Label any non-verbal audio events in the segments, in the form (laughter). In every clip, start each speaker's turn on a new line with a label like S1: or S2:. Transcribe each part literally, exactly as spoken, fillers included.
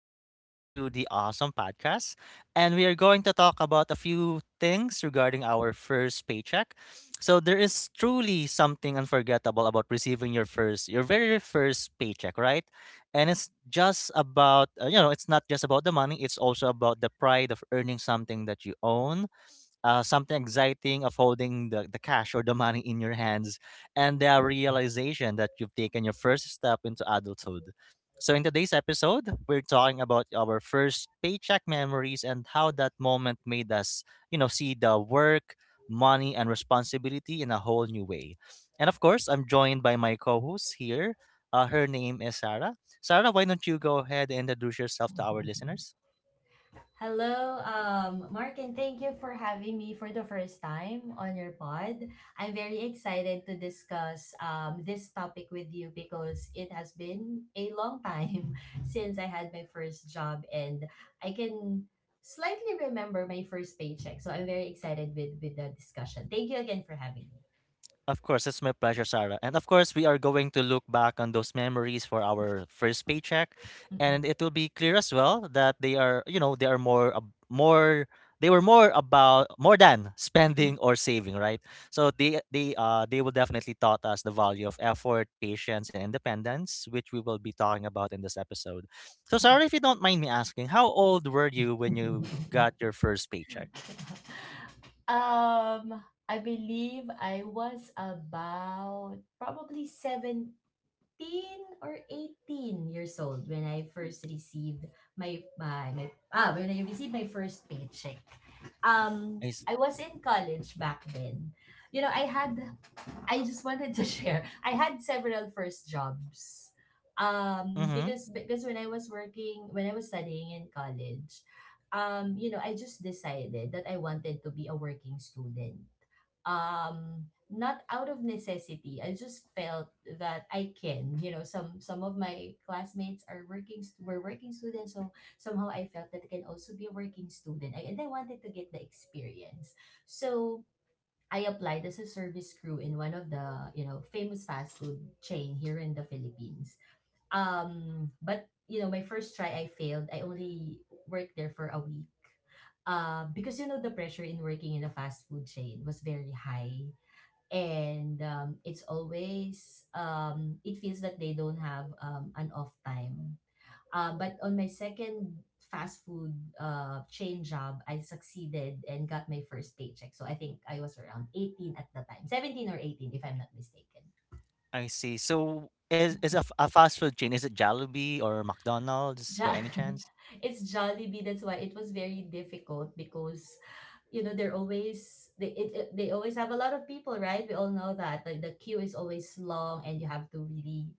S1: tuning in to the awesome podcast. And we are going to talk about a few things regarding our first paycheck. So there is truly something unforgettable about receiving your first your very first paycheck, right? And it's just about uh, you know, it's not just about the money, it's also about the pride of earning something that you own, uh, something exciting of holding the, the cash or the money in your hands and the realization that you've taken your first step into adulthood. So, in today's episode, we're talking about our first paycheck memories and how that moment made us, you know, see the work, money, and responsibility in a whole new way. And of course, I'm joined by my co host here. Uh, her name is Sarah. Sarah, why don't you go ahead and introduce yourself to our listeners?
S2: Hello, um, Mark, and thank you for having me for the first time on your pod. I'm very excited to discuss um, this topic with you because it has been a long time (laughs) since I had my first job, and I can slightly remember my first paycheck. So I'm very excited with, with the discussion. Thank you again for having me.
S1: Of course, it's my pleasure, Sarah. And of course, we are going to look back on those memories for our first paycheck, and
S2: Mm-mm.
S1: it will be clear as well that they are, you know, they are more, ab- more, they were more about more than spending or saving, right? So they, they, uh, they will definitely taught us the value of effort, patience, and independence, which we will be talking about in this episode. So, Sarah, if you don't mind me asking, how old were you when you
S2: Mm-mm.
S1: got
S2: (laughs)
S1: your first paycheck?
S2: (laughs) Um, I believe I was about probably seventeen or eighteen years old when I first received my, my, my ah, when I received my first paycheck. Um, I was in college back then. You know, I had I just wanted to (laughs) share. I had several first jobs. Um,
S1: I.
S2: because because when I was working, when I was studying in college, um, you know, I just decided that I wanted to be a working student. Um, not out of necessity. I just felt that I can. You know, some some of my classmates are working st- were working students, so somehow I felt that I can also be a working student. I, and I wanted to get the experience. So I applied as a service crew in one of the, you know, famous fast food chain here in the Philippines. Um, but you know, my first try I failed. I only worked there for a week. Uh, because you know the pressure in working in a fast food chain was very high, and um, it's always, um, it feels that they don't have, um, an off time, uh, but on my second fast food uh, chain job, I succeeded and got my first paycheck. So I think I was around eighteen at the time, seventeen or eighteen, if I'm not mistaken.
S1: I see. So is is a, f- a fast food chain? Is it Jollibee or McDonald's by
S2: Jo-
S1: any
S2: (laughs)
S1: chance?
S2: it's Jollibee. That's why it was very difficult because, you know, they're always they it, it- they always have a lot of people, right? We all know that like the queue is always long, and you have to really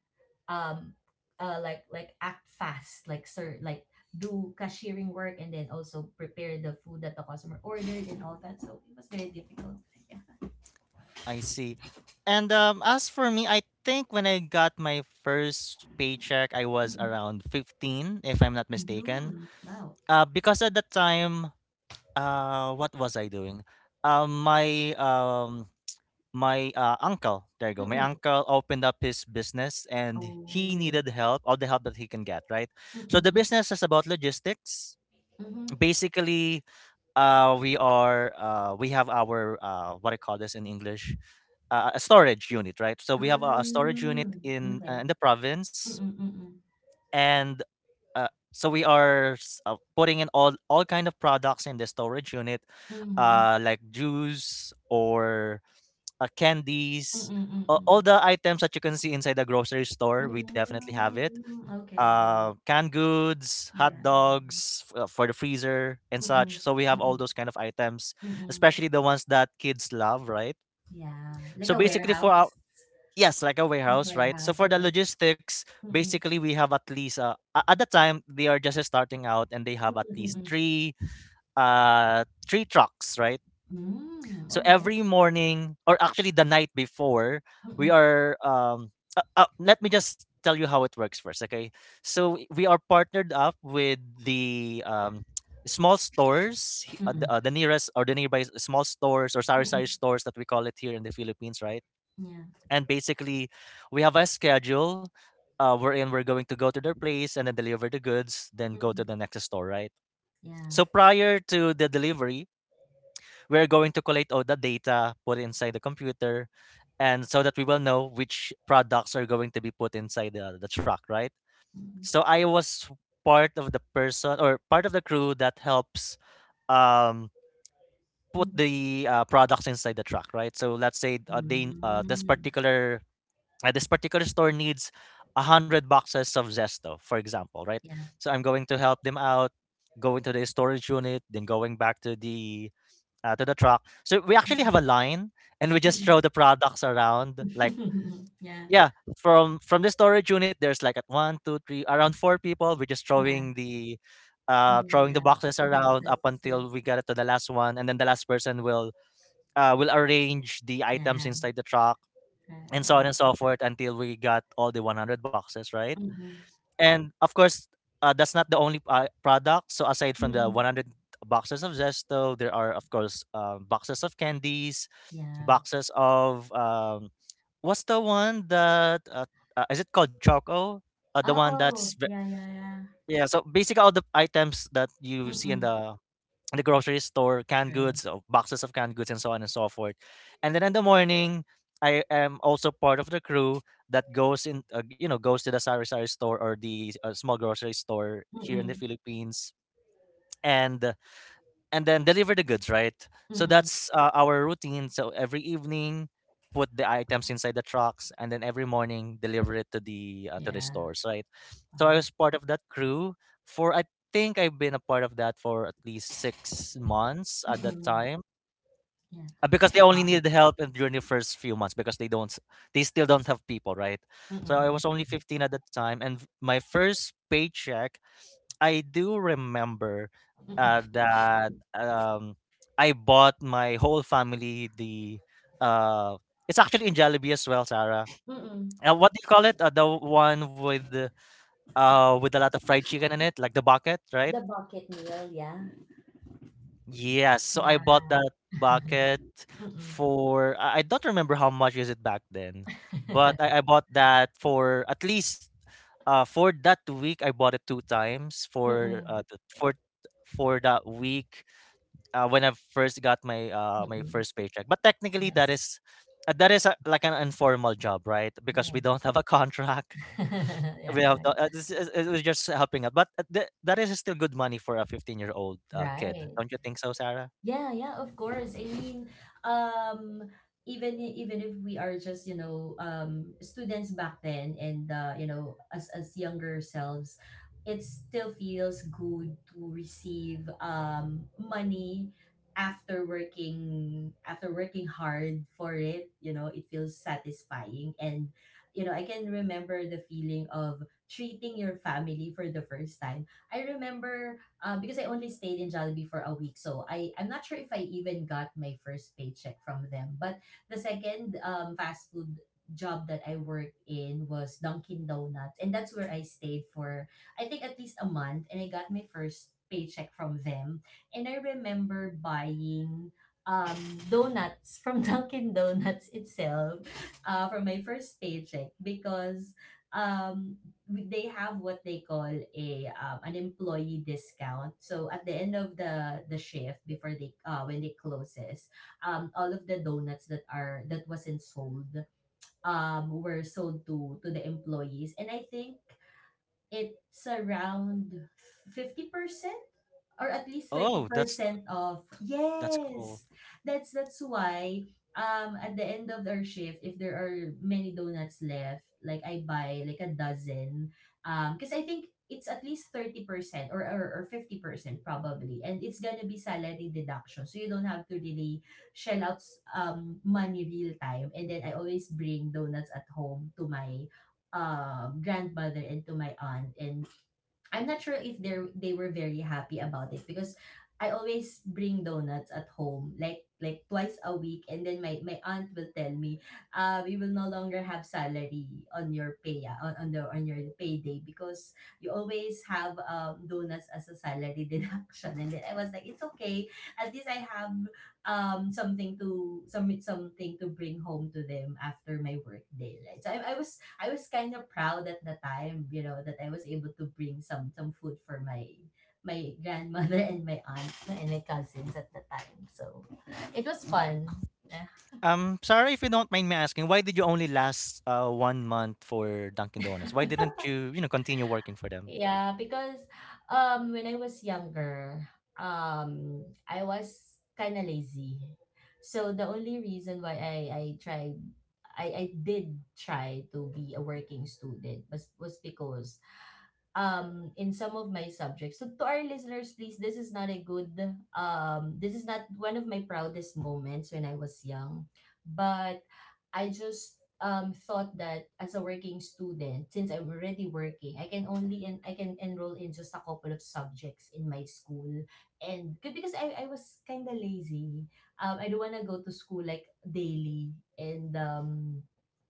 S2: um uh like like act fast like sir like do cashiering work and then also prepare the food that the customer ordered and all that, so it was very difficult. Yeah.
S1: I see. And um, as for me, I think when I got my first paycheck, I was around fifteen, if I'm not mistaken.
S2: Mm-hmm. Wow.
S1: Uh, because at that time, uh, what was I doing? Um, my um, my uh, uncle, there you go. My
S2: Mm-mm.
S1: uncle opened up his business, and he
S2: Oh.
S1: needed help, all the help that he can get, right? So the
S2: Mm-mm-mm.
S1: business is about logistics.
S2: Mm-hmm.
S1: Basically, uh we are uh we have our uh what I call this in English, uh, a storage unit, right? So we have a, a storage unit
S2: Mm.
S1: in
S2: Okay.
S1: uh, in the province,
S2: Mm-mm-mm.
S1: and, uh, so we are s- uh, putting in all all kind of products in the storage unit,
S2: Mm-hmm.
S1: uh, like juice or uh, candies, uh,
S2: Mm-mm-mm.
S1: all the items that you can see inside the grocery store. We definitely have
S2: Mm.
S1: it, uh,
S2: Okay.
S1: canned goods, hot
S2: Yeah, yeah.
S1: dogs f- uh, for the freezer and such.
S2: Mm-mm.
S1: So we have all
S2: Mm-mm.
S1: those kind of items,
S2: Mm-mm.
S1: especially the ones that kids love, right?
S2: Yeah, like
S1: So
S2: a
S1: basically, for our,
S2: warehouse.
S1: yes, like a
S2: Like a
S1: warehouse, right? So
S2: warehouse,
S1: for the
S2: okay.
S1: logistics,
S2: Mm-mm.
S1: basically we have at least uh, a- at that time they are just starting out and they have at least
S2: Mm-mm.
S1: three uh three trucks, right?
S2: Mm,
S1: So
S2: okay.
S1: every morning, or actually the night before, we
S2: Mm-mm,
S1: are. Um, uh, uh, let me just tell you how it works first, okay? So i- we are partnered up with the um, (tsk) small stores, he- uh, the,
S2: mm-mm,
S1: uh, the nearest or the nearby s- small stores or sari sari
S2: mm-mm.
S1: stores that we call it here in the Philippines, right?
S2: Yeah.
S1: And basically, we have a schedule. Uh, wherein we're going to go to their place and then deliver the goods, then go to
S2: Mm-mm.
S1: the next store, right?
S2: Yeah.
S1: So prior to the delivery, we're going to collate all the data, put it inside the computer, and so that we will know which products are going to be put inside the, the truck, right?
S2: Mm-mm,
S1: So I was part of the person or part of the crew that helps um, put
S2: mm.
S1: the uh, products inside the truck, right? So let's say uh, they uh, this
S2: Mm.
S1: particular uh, this particular store needs a hundred boxes of Zesto, for example, right?
S2: Yeah.
S1: So I'm going to help them out, go into the storage unit, then going back to the uh, to the truck. So we actually have
S2: Mm-mm,
S1: a line, and we just
S2: mm-mm.
S1: throw the products around. Like
S2: (laughs) Yeah.
S1: yeah, from from the storage unit, there's like at one, two, three, around four people. We're just
S2: Yeah.
S1: throwing the
S2: Yeah.
S1: uh
S2: Yeah.
S1: throwing the
S2: Yeah.
S1: boxes around
S2: Boxes.
S1: up
S2: Yeah.
S1: until we get it to the last one, and then the last person will uh will arrange the items
S2: Yeah.
S1: inside the truck and so on and
S2: Right.
S1: so forth until we got all the one hundred boxes, right?
S2: Mm-mm,
S1: And of course, uh, that's not the only uh, product. So aside from the
S2: mm-mm.
S1: one hundred boxes of Zesto, there are of course um, boxes of candies,
S2: Yeah.
S1: boxes of um, what's the one that uh, uh, is it called Choco? Uh, the one that's
S2: Oh,
S1: ve-
S2: yeah, yeah, yeah.
S1: yeah. So basically, all the items that you see in
S2: Mm-mm.
S1: the the grocery store, canned
S2: True.
S1: goods, uh, boxes of canned goods, and so on and so forth. And then in the morning, I am also part of the crew that goes in, uh, you know, goes to the sari sari store or the uh, small grocery store here in the
S2: Mm-mm,
S1: Philippines, and and then deliver the goods, right? So
S2: mm-mm.
S1: that's uh, our routine. So every evening, put the items inside the trucks, and then every morning deliver it to the uh, to the
S2: Yeah.
S1: stores, right? So I was
S2: Wow.
S1: part of that crew for I think I've been a part of that for at least six months at that
S2: Mm-mm.
S1: time.
S2: Yeah.
S1: Uh, Because they only
S2: Wow.
S1: needed help in- during the first few months because they don't, s- they still don't have people, right? So I
S2: Mm-mm,
S1: was only fifteen at the time, and v- my first paycheck I do remember, uh,
S2: mm-mm,
S1: that um, I bought my whole family the, uh, it's actually in Jollibee as well, Sarah.
S2: mm-mm.
S1: Uh, what do you call it? Uh, the one with the- uh with a lot of fried chicken in it, like the bucket, right?
S2: The bucket meal, yeah.
S1: Yes. So I
S2: Yeah.
S1: bought that
S2: (laughs)
S1: bucket
S2: Mm-mm.
S1: for, I I don't remember how much is it back then, but I, I
S2: (laughs)
S1: bought that for at least uh for that week I bought it two times for
S2: Mm-mm.
S1: uh the, for for that week uh, when I first got my uh, my
S2: Mm-mm.
S1: first paycheck. But technically, that
S2: Nice.
S1: is uh, that is a, like an informal job, right? Because
S2: Yeah.
S1: we don't have a (laughs) contract.
S2: (laughs) Yeah,
S1: We have
S2: yeah.
S1: the, uh, this is, it was just helping out, but uh, th- that is still good money for a fifteen-year-old uh, kid,
S2: Right.
S1: don't you think so, Sarah?
S2: Yeah, yeah, of course. I mean, um, even i- even if we are just, you know um, students back then, and uh, you know as as younger selves, it still feels good to receive um, money after working after working hard for it. You know, it feels satisfying, and you know I can remember the feeling of treating your family for the first time. I remember, um, because I only stayed in Jollibee for a week, so I I'm not sure if I even got my first paycheck from them. But the second um fast food job that I worked in was Dunkin' Donuts, and that's where I stayed for I think at least a month, and I got my first paycheck from them, and I remember buying um donuts from (laughs) Dunkin' Donuts itself, uh, for my first paycheck because um we- they have what they call a um, an employee discount. So at the end of the the shift before they uh when they closes, um all of the donuts that are that wasn't sold um were sold to to the employees, and I think it's around fifty percent or at least
S1: Oh, that's
S2: thirty percent off.
S1: that's cool.
S2: Yes. That's that's why um at the end of our shift, if there are many donuts left, like I buy like a dozen um because I think it's at least thirty percent or, or or fifty percent probably, and it's gonna be salary deduction, so you don't have to really shell out um money real time, and then I always bring donuts at home to my um grandmother and to my aunt, and I'm not sure if they they were very happy about it because I always bring donuts at home like like twice a week, and then my, my aunt will tell me, uh we will no longer have salary on your pay ah, on, on the on your payday because you always have um donuts as a salary (laughs) deduction, and then I was like, it's okay, at least I have um something to some something to bring home to them after my work day, right? So I, I was I was kind of proud at the time, you know, that I was able to bring some some food for my my grandmother and my aunt and my cousins at the time. So it was fun. (laughs) Yeah,
S1: Um, sorry if you don't mind me asking, why did you only last uh one month for Dunkin' Donuts? Why didn't you, you know, continue working for them?
S2: yeah, because um when I was younger, um I was kind of lazy. So the only reason why I I tried I I did try to be a working student was was because um in some of my subjects. So to our listeners, please, this is not a good, um this is not one of my proudest moments when I was young, but I just um thought that as a working student, since I'm already working, I can only and I can enroll in just a couple of subjects in my school. And good, because I, I was kinda lazy. Um I don't wanna go to school like daily, and um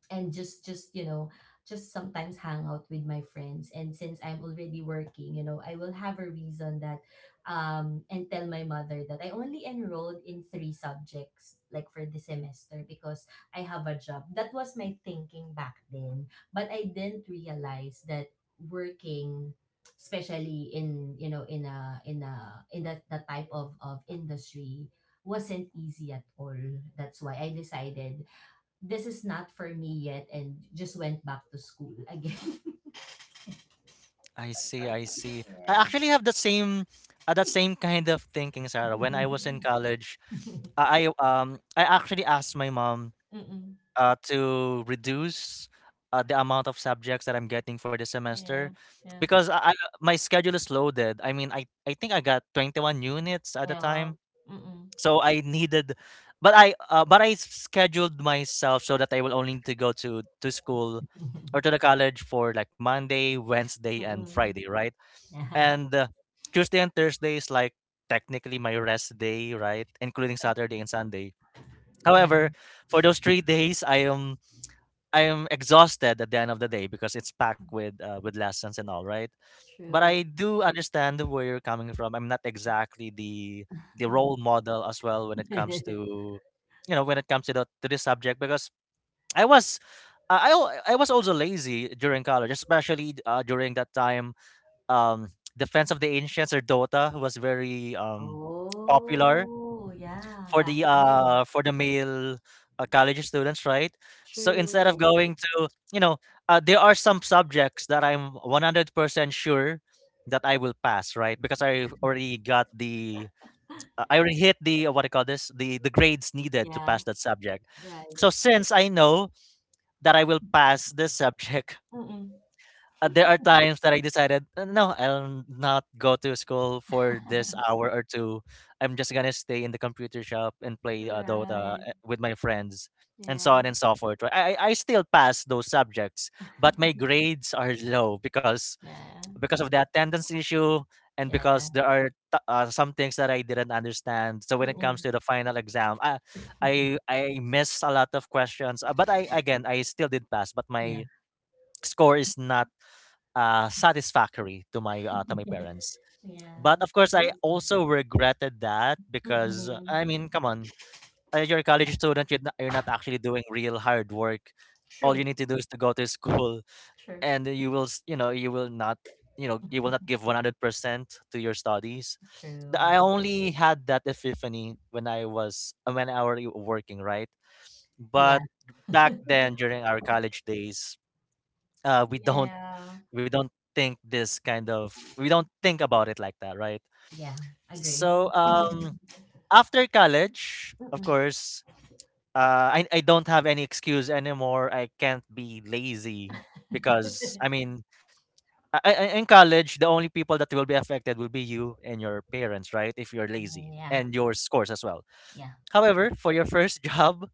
S2: and just just you know just sometimes hang out with my friends, and since I'm already working, you know I will have a reason that um and tell my mother that I only enrolled in three subjects like for the semester because I have a job. That was my thinking back then, but I didn't realize that working, especially in you know in a in a in that the type of of industry, wasn't easy at all. That's why I decided this is not for me yet, and just went back to school again. (laughs)
S1: I see, I see. I
S2: Yeah.
S1: actually have the same, uh, that same kind of thinking, Sarah. When I was in
S2: (laughs)
S1: college, I I, um I actually asked my mom
S2: Mm-mm.
S1: uh to reduce uh, the amount of subjects that I'm getting for the semester
S2: Yeah. Yeah.
S1: because I, I my schedule is loaded. I mean, I I think I got twenty-one units at the
S2: Yeah.
S1: time
S2: Mm-mm.
S1: so I needed, but I uh, but I scheduled myself so that I will only need to go to to school or to the
S2: (laughs)
S1: college for like Monday, Wednesday, and
S2: Mm-mm.
S1: Friday, right?
S2: Yeah.
S1: And uh, Tuesday and Thursday is like technically my rest day, right? Including Saturday and Sunday.
S2: Yeah.
S1: However, for those three days, I am I am exhausted at the end of the day because it's packed with uh, with lessons and all, right? But I
S2: True.
S1: do understand where you're coming from. I'm not exactly the the role
S2: (laughs)
S1: model as well when it comes to, you know when it comes to the, to this subject because I was I I al- I was also lazy during college, especially uh, during that time. Um, Defense of the Ancients or Dota was very um popular
S2: Oh, yeah.
S1: for
S2: Back
S1: the
S2: then.
S1: uh for the male uh, college students, right? So instead of
S2: True.
S1: going to, you know, uh, there are some subjects that I'm one hundred percent sure that I will pass right because i already got the
S2: (laughs)
S1: uh, I already hit the, uh, what I call this, the the grades needed to
S2: Yeah.
S1: pass that subject.
S2: Right.
S1: So since I know that I will pass this subject,
S2: Mm-mm.
S1: uh, there are times that I decided, "Uh, no, I'll not go to school for this
S2: (laughs)
S1: hour or two. I'm just gonna stay in the computer shop and play uh, Dota
S2: Right.
S1: uh, with my friends, and so on
S2: Yeah.
S1: and so forth. Right? I I I still pass those subjects, but my
S2: (laughs)
S1: grades are low because
S2: Yeah.
S1: because of the attendance issue and
S2: Yeah. Yeah.
S1: because there are t- uh, some things that I didn't understand. So when it comes
S2: Mm-mm.
S1: to the final exam, I I,
S2: (laughs)
S1: I miss a lot of questions, uh, but I again I still did pass, but
S2: Yeah.
S1: my score is not uh, satisfactory to my uh, to my
S2: (laughs)
S1: parents. But
S2: Yeah.
S1: of course, I
S2: is-
S1: also regretted that because uh,
S2: Mm-mm.
S1: I mean, come on, uh, you're a college student. You're not, you're not actually doing real hard work. All you
S2: True.
S1: need to do is to go to school,
S2: True.
S1: and you will, s- you know, you will not, you know, you will not give one hundred percent to your studies. The- I
S2: True.
S1: only had that epiphany when I was, uh, when I were working, right?
S2: Yeah.
S1: But back
S2: (laughs)
S1: then, during our college days, uh, we don't
S2: Yeah.
S1: we don't think this kind of, we don't think about it like that, right?
S2: Yeah. Agree.
S1: So, um after college, of
S2: Mm-mm.
S1: course, uh I, I don't have any excuse anymore. I can't be lazy, because I
S2: (laughs)
S1: mean, I, I, I- in college the only people that will be affected will be you and your parents, right? If you're lazy,
S2: Yeah.
S1: and your scores as well.
S2: Yeah.
S1: However, for your first (laughs) job,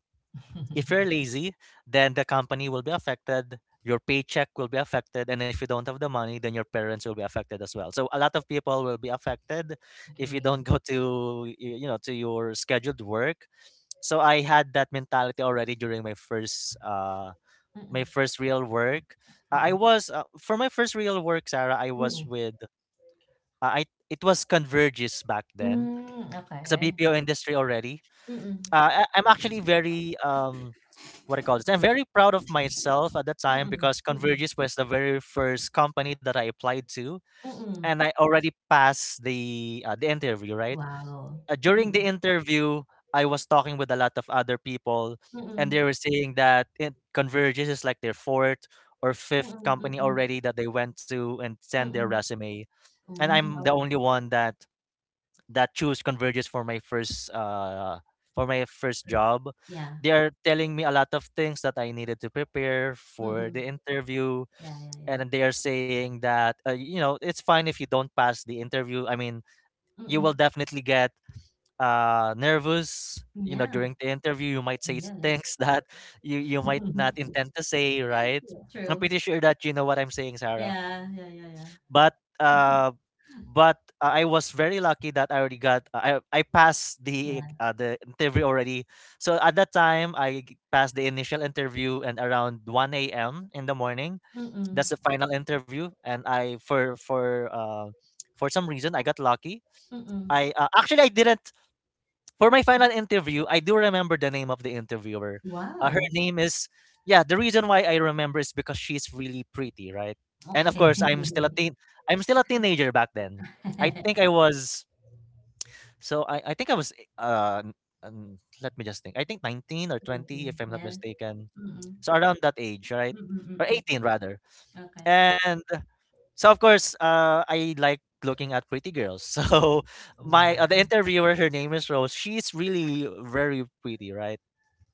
S1: if you're
S2: (laughs)
S1: lazy, then the company will be affected, your paycheck will be affected, and if you don't have the money, then your parents will be affected as well. So a lot of people will be affected if you
S2: Agree.
S1: don't (laughs) go to y- you know to your scheduled work. So I had that mentality already during my first, uh my
S2: Mm-mm.
S1: first real work. I I
S2: Mm-mm.
S1: was, uh, for my first real work, Sarah. I was
S2: Mm-mm.
S1: with, uh, I it was Convergys back then.
S2: Mm,
S1: It's a
S2: okay.
S1: B P O industry already,
S2: Mm-mm.
S1: uh, I- I'm actually very, um what I call this. I'm very proud of myself at that time
S2: Mm-mm.
S1: because
S2: Mm-mm.
S1: Convergys was the very first company that I applied to,
S2: Mm-mm.
S1: and I already passed the, uh, the interview. Right,
S2: Wow.
S1: uh, during the
S2: Mm,
S1: interview, I was talking with a lot of other people, and they
S2: mm,
S1: were saying that, it, Convergys is like their fourth or
S2: mm,
S1: fifth
S2: mm,
S1: company
S2: mm,
S1: already that they went to and
S2: mm,
S1: send their
S2: mm.
S1: resume, and
S2: Hmm,
S1: I'm the
S2: alright,
S1: only one that, that choose Converges for my first, uh for my first
S2: first.
S1: job.
S2: Yeah.
S1: They are telling me a lot of things that I needed to prepare for
S2: Mm,
S1: the interview,
S2: yeah, yeah, yeah.
S1: and they are saying that, uh, you know, it's fine if you don't pass the interview. I mean, you will
S2: Mm,
S1: definitely get, uh nervous, you know
S2: yeah,
S1: during the interview you might
S2: yeah,
S1: say
S2: yeah, yeah.
S1: things (laughs) that you you might not
S2: (laughs)
S1: intend to say, right?
S2: Yeah,
S1: I'm
S2: true.
S1: pretty sure that you know what I'm saying, Sarah.
S2: Yeah, yeah, yeah, yeah.
S1: But, uh but uh, I was very lucky that I already got, uh, I I passed the,
S2: Yeah.
S1: uh, the interview already. So at that time, I g- passed the initial interview, and around one a m in the morning.
S2: Mm,
S1: That's the final interview, and I for for uh, for some reason I got lucky.
S2: mm.
S1: I, uh, actually, I didn't. For my final interview, I do remember the name of the interviewer. Uh, her
S2: Wow.
S1: name is— yeah, the reason why I remember is because she's really pretty, right? And of
S2: Okay.
S1: course, I'm still a
S2: (laughs)
S1: teen. I'm still a teenager back then. I think
S2: Thank
S1: I was. So I, I think I was. Uh, n- um, Let me just think. I think nineteen or twenty,
S2: you.
S1: if I'm not
S2: Yeah.
S1: mistaken.
S2: Mm,
S1: So around that age, right?
S2: mm, mm,
S1: Or
S2: mm.
S1: eighteen rather.
S2: Okay.
S1: And so of course, uh, I like looking at pretty girls. (laughs) So my,
S2: Yeah.
S1: uh, the interviewer, her name is Rose. She's really very pretty, right?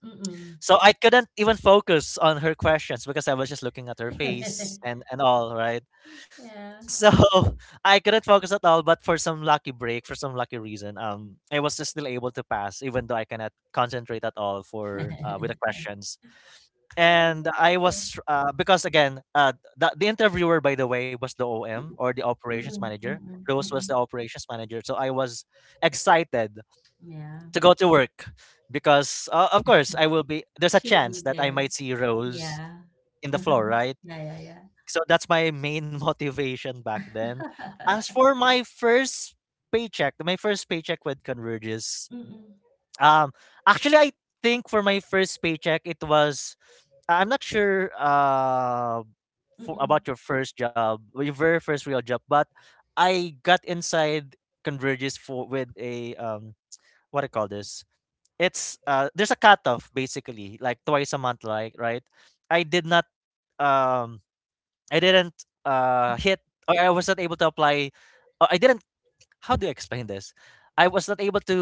S2: Mm.
S1: So I couldn't even focus on her questions because I was just looking at her face
S2: (laughs)
S1: and, and all, right?
S2: Yeah.
S1: So (laughs) I couldn't focus at all. But for some lucky break, for some lucky reason, um, I was just still able to pass, even though I cannot concentrate at all, for uh, with the
S2: (laughs)
S1: questions. And I was uh, because again, uh, the, the interviewer, by the way, was the O M or the
S2: Mm,
S1: operations
S2: mm,
S1: manager.
S2: mm, mm,
S1: Rose was the
S2: mm.
S1: operations manager, so I was excited
S2: Yeah.
S1: to go to work because, uh, of course, I will be. There's a
S2: She'll be
S1: chance that I
S2: there.
S1: might see Rose
S2: Yeah.
S1: in the
S2: (laughs)
S1: floor, right?
S2: Yeah, yeah, yeah.
S1: So that's my main (laughs) motivation back then. As for my first paycheck, my first paycheck with Converges,
S2: (laughs) Mm-mm.
S1: um, actually, I think for my first paycheck, it was. I- I'm not sure, uh, for,
S2: Mm-mm.
S1: about your first job, or your very first real job. But I got inside Converges for with a, um, what I call this. It's, uh, there's a cutoff basically, like twice a month, like, right. I did not, um, I didn't, uh, hit, or I was not able to apply. Or I didn't— how do you explain this? I was not able to,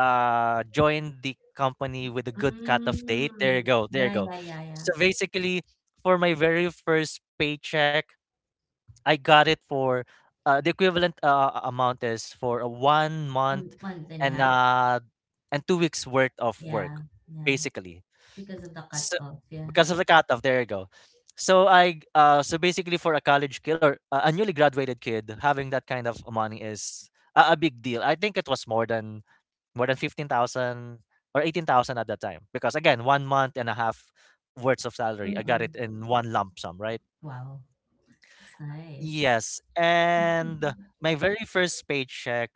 S1: uh, join the company with a good cutoff date. There you
S2: Mm.
S1: go. There you
S2: Yeah,
S1: go.
S2: yeah, yeah, yeah.
S1: So basically, for my very first paycheck, I got it for, uh, the equivalent, uh, amount is for a one month
S2: Um, month and a
S1: and
S2: half.
S1: uh, and two weeks worth of work,
S2: Yeah, yeah.
S1: basically.
S2: Because of the
S1: So,
S2: cutoff. Yeah.
S1: because of the cutoff, there you go. So I, uh so basically, for a college kid or a a newly graduated kid, having that kind of money is a, a big deal. I think it was more than, more than fifteen thousand or eighteen thousand at that time, because again, one month and a half worth of salary, I got it
S2: Mm-mm.
S1: in one lump sum, right?
S2: Wow. It's nice.
S1: Yes,
S2: (laughs)
S1: and my very first paycheck.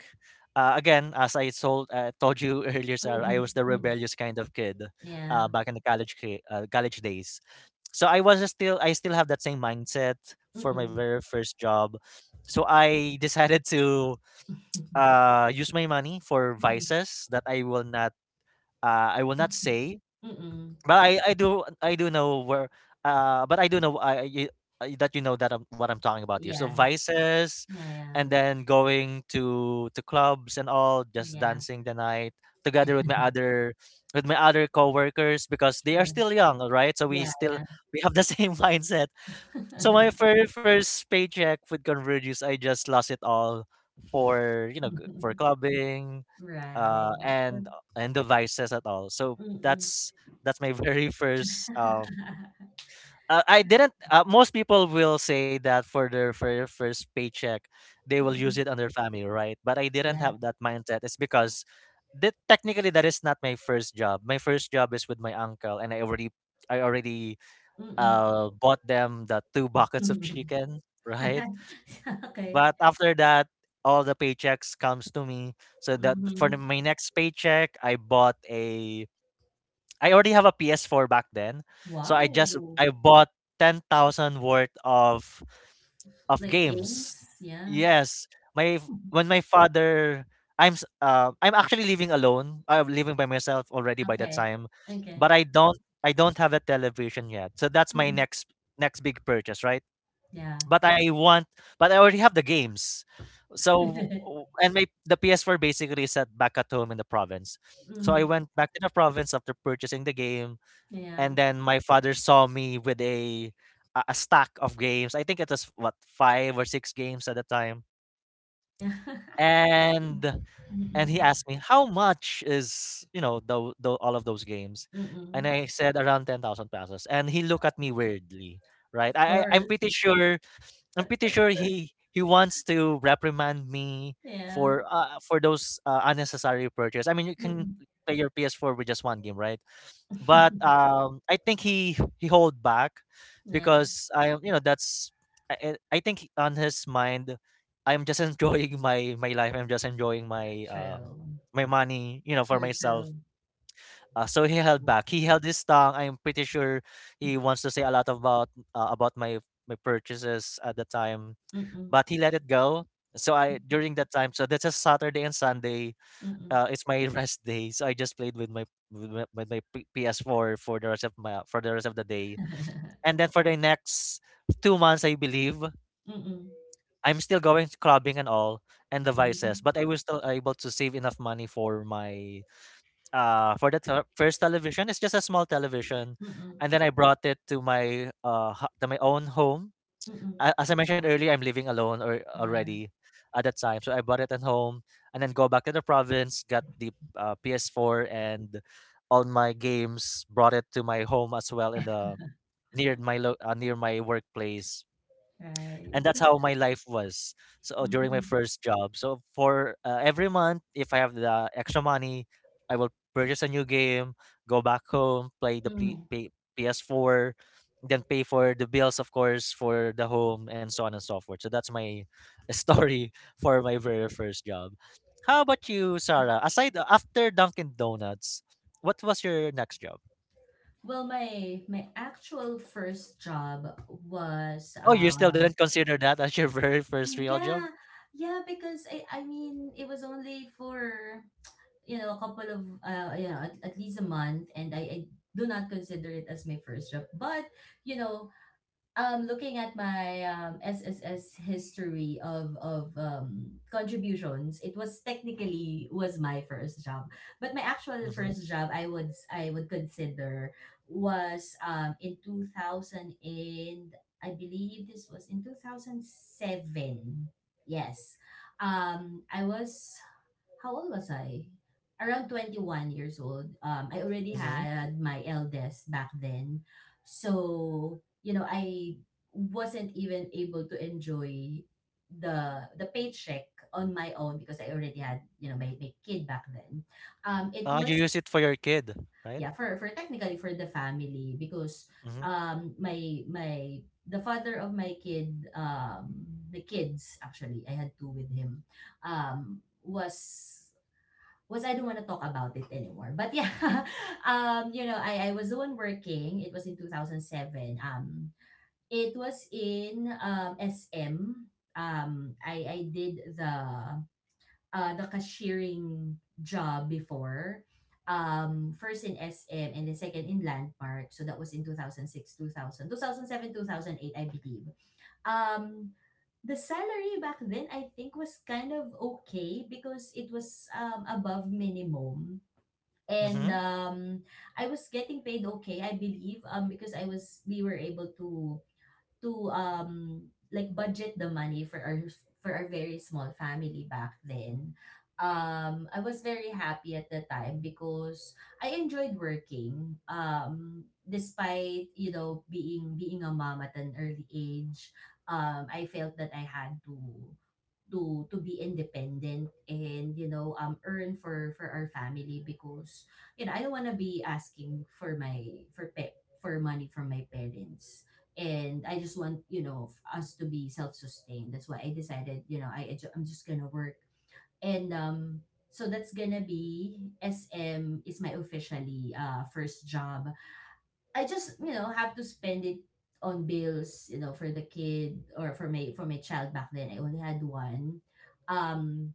S1: Uh, again, as I told, uh, told you (laughs) earlier, sir, I
S2: Mm-mm.
S1: was the
S2: Mm.
S1: rebellious kind of kid,
S2: Yeah.
S1: uh, back in the college ki- uh, college days. So I was still— I still have that same mindset for my
S2: Mm-mm.
S1: very first job. So I (laughs) decided to,
S2: (laughs)
S1: uh use my money for
S2: Mm-mm.
S1: vices that I will not, uh I will not say.
S2: Mm-mm.
S1: But I I do, I do know where, uh but I do know, I I- you, I- that you know that I'm— what I'm talking about here. So
S2: Yes.
S1: vices,
S2: Yeah, yeah.
S1: and then going to to clubs and all, just
S2: Yeah,
S1: dancing the night together with my other, with my other coworkers because they are
S2: true.
S1: still young, all right? So we
S2: Yeah,
S1: still—
S2: yeah.
S1: we have the (laughs) same mindset. So my
S2: (laughs)
S1: very first paycheck with Convergius, I just lost it all, for you know g- for clubbing,
S2: Right.
S1: uh, and and devices at all. So
S2: Mm-mm.
S1: that's, that's my (laughs) very first. Um,
S2: (laughs)
S1: uh, I didn't. Uh, most people will say that for their very first paycheck, they will use
S2: Mm-mm.
S1: it on their family, right? But I didn't
S2: Yeah.
S1: have that mindset. It's because that, technically, that is not my first job. My first job is with my uncle, and I already, I already
S2: Mm-mm.
S1: uh, bought them the two buckets of chicken, right?
S2: (laughs) Okay.
S1: But after that, all the paychecks comes to me. So that for
S2: Mm-hmm.
S1: the, my next paycheck, I bought a— I already have a P S four back then, so I just—
S2: Wow.
S1: I bought ten thousand worth of of
S2: Like
S1: games.
S2: games? Yeah.
S1: Yes, my f- when my father— I'm s- uh, I'm actually living alone. I'm living by myself already by that
S2: Okay.
S1: time,
S2: Okay.
S1: but I don't I don't have a television yet. So that's my
S2: Mm-mm.
S1: next, next big purchase, right?
S2: Yeah.
S1: But I want— but I already have the games. So
S2: (laughs)
S1: w- and my the P S four basically is set back at home in the province. So I
S2: Mm-hmm.
S1: went back to the province after purchasing the game,
S2: Yeah.
S1: and then my father saw me with a a a stack of games. I think it was, what, five or six games at the time,
S2: Yeah. (laughs)
S1: and
S2: Mm-mm.
S1: and he asked me how much is, you know the, the all of those games, and
S2: Mm-mm.
S1: I said around ten thousand pesos, and he looked at me weirdly. Right,
S2: Of
S1: I I- I'm
S2: course.
S1: pretty sure, I'm pretty sure he he wants to reprimand me
S2: Yeah.
S1: for, uh for those uh, unnecessary purchase. I mean, you can
S2: Mm-mm.
S1: play your P S four with just one game, right? But,
S2: (laughs)
S1: um, I think he he hold back
S2: Yeah.
S1: because I am, you know, that's— I, I, I think on his mind I'm just (laughs) enjoying my, my life. I'm just enjoying my, um
S2: True.
S1: my money, you know, for
S2: True,
S1: myself.
S2: true.
S1: Uh, so he held back. He held his tongue. I'm pretty sure he wants to say a lot about, uh, about my, my purchases at the time,
S2: Mm-mm.
S1: but he let it go. So I, during that time, so that's a Saturday and Sunday.
S2: Mm-mm. (laughs)
S1: Uh, it's my (laughs) rest day, so I just played with my, with my, with my P- PS4 for the rest of my, for the rest of the day. And then for the next two months, I believe
S2: Mm-mm.
S1: I'm still going to clubbing and all and the vices, but
S2: Mm-mm.
S1: I was still able to save enough money for my, uh for the te- first television. It's just a small television,
S2: Mm-mm.
S1: and then I brought it to my, uh ho- to my own home,
S2: Mm-mm.
S1: a as I mentioned earlier, I'm living alone or
S2: Yeah.
S1: already at that time. So I bought it at home and then go back to the province, got the uh, P S four and all my games, brought it to my home as well in the near my lo- uh, near my workplace. And that's
S2: Right.
S1: how my life was. So during my
S2: Mm-hmm.
S1: first job, so for uh, every month if I have the extra money, I will purchase a new game, go back home, play the P-
S2: Mm.
S1: P- ps4, then pay for the bills of course for the home and so on and so forth. So that's my (laughs) story for my very first job. How about you, Sarah? Aside uh, After Dunkin Donuts, what was your next job?
S2: Well, my my actual first job was
S1: Oh, you still
S2: uh
S1: didn't consider that as your (laughs) very first real
S2: yeah,
S1: job?
S2: yeah, because I I mean it was only for you know a couple of uh you know at, at least a month, and I, I do not consider it as my first job, but you know um looking at my um S S S history of of um contributions, it was technically was my first job. But my actual
S1: Mm-hmm.
S2: first job I would s- I would consider was um in two thousand, and I believe this was in two thousand seven. Yes. Um I was how old was I? Around twenty-one years old. Um, I already
S1: Mm-hmm.
S2: had my eldest back then. So, you know, I wasn't even able to enjoy the the paycheck on my own because I already had, you know, my, my kid back then. Um, it
S1: Ah, you
S2: was,
S1: use it for your kid, right?
S2: yeah, for, for technically for the family, because
S1: Mhm.
S2: um my my the father of my kid, um the kids, actually I had two with him, um was was I don't want to talk about it anymore. But yeah, (laughs) um, you know, I, I was the one working. It was in two thousand seven. Um, it was in, um, S M. Um, I, I did the uh, the cashiering job before. Um, first in S M and the second in Landmark. So that was in two thousand six, two thousand two thousand two thousand eight, I believe. Um, the salary back then, I think, was kind of okay because it was um above minimum. And
S1: Mhm.
S2: um I was getting paid okay, I believe, um because I was we were able to to um like budget the money for our for our very small family back then. um I was very happy at the time because I enjoyed working, um despite you know being being a mom at an early age. um I felt that I had to to to be independent, and you know um earn for for our family because you know I don't want to be asking for my for pe- for money from my parents. And I just want you know f- us to be self-sustained. That's why I decided, you know I I ju- I'm just gonna work. And um So that's gonna be, S M is my officially uh first job. I just you know have to spend it on bills, you know for the kid, or for my for my child. Back then I only had one. Um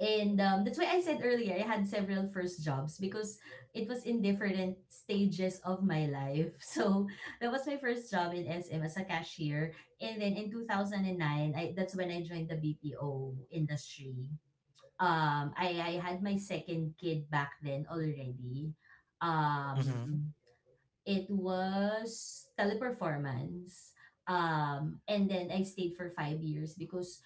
S2: and um, That's why I said earlier I had several first jobs because it was in different stages of my life. (laughs) So that was my first job in S M as a cashier. And then in two thousand nine, I that's when I joined the B P O industry. Um I I had my second kid back then already.
S1: Mhm.
S2: um It was Teleperformance. Um, and then I stayed for five years because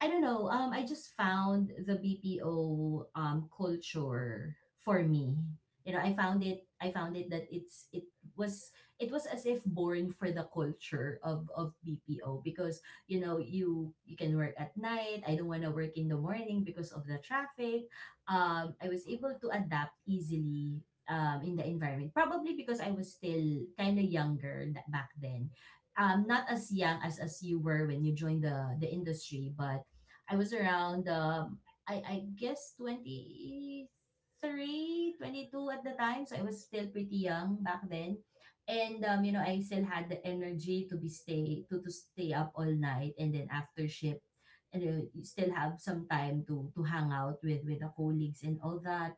S2: I don't know. Um, I just found the B P O um culture for me. You know, I found it. I found it that it's it was it was as if born for the culture of of B P O. Because you know you you can work at night. I don't want to work in the morning because of the traffic. Um, I was able to adapt easily Um, in the environment, probably because I was still kind of younger tha- back then. Um not as young as as you were when you joined the the industry, but I was around, um I I guess twenty three twenty two at the time, so I was still pretty young back then. And um you know, I still had the energy to be stay to to stay up all night and then after shift. And uh, you still have some time to to hang out with with the colleagues and all that.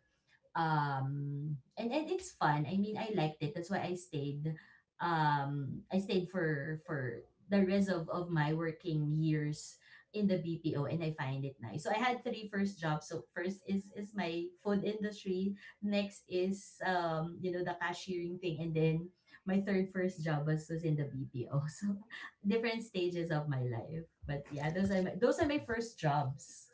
S2: Um and, and It's fun. I mean, I liked it. That's why I stayed. um I stayed for for the rest of, of my working years in the BPO, and I find it nice. So I had three first jobs. So first is is my food industry, next is um you know the cashiering thing, and then my third first job was, was in the BPO. (laughs) So different stages of my life, but yeah, those are my those are my first jobs.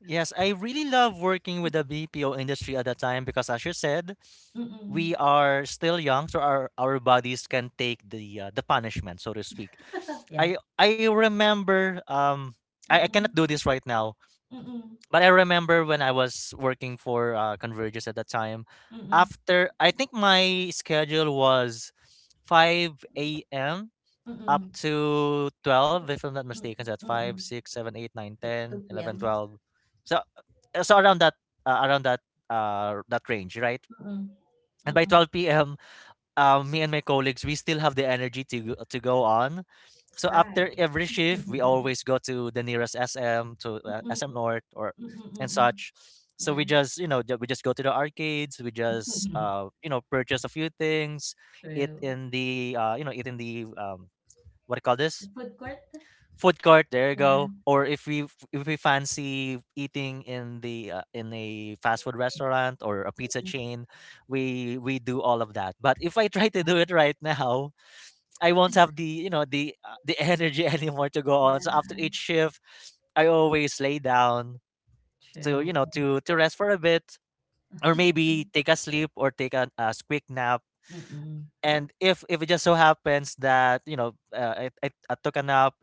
S1: Yes, I really love working with the B P O industry at the time because, as you said, we
S2: Mm-mm.
S1: are still young, so our, our bodies can take the uh, the punishment, so to speak.
S2: Yeah.
S1: I I remember um I, I cannot
S2: Mm-mm.
S1: do this right now,
S2: Mm-mm.
S1: but I remember when I was working for uh, Convergys at the time.
S2: Mm-mm.
S1: After, I think my schedule was five a.m. up
S2: Mm.
S1: to twelve, if I'm not
S2: 2 mm,
S1: mistaken, so that's five,
S2: mm.
S1: six, seven, eight, nine,
S2: Like
S1: ten,
S2: 2
S1: eleven,
S2: PM?
S1: twelve. So uh, so around that uh, around that uh that range, right?
S2: Mm,
S1: And by
S2: mm.
S1: twelve p m, um, me and my colleagues, we still have the energy to go- to go on. So after
S2: Right.
S1: every shift, we
S2: Mm,
S1: always go to the nearest S M, to uh, S M North or
S2: mm,
S1: and
S2: mm.
S1: such. So we
S2: Yeah.
S1: just, you know, ju- we just go to the arcades. We just,
S2: (laughs)
S1: uh, you know, purchase a few things, eat
S2: True.
S1: in the, uh, you know, eat in the, um, what do you call
S2: The
S1: this?
S2: food court?
S1: Food court, there you go.
S2: Yeah.
S1: Or if we f- if we fancy eating in the uh, in a fast food restaurant or a pizza
S2: Mm,
S1: chain, we we do all of that. But if I try to do it right now, I won't have the you know the uh, the energy (laughs) anymore to go on. So
S2: yeah.
S1: after each shift, I always lay down to,
S2: True.
S1: you know, to to rest for a bit, or maybe take a sleep or take a, a quick nap.
S2: Mm.
S1: And if if it just so happens that, you know, uh, I, I I took a nap,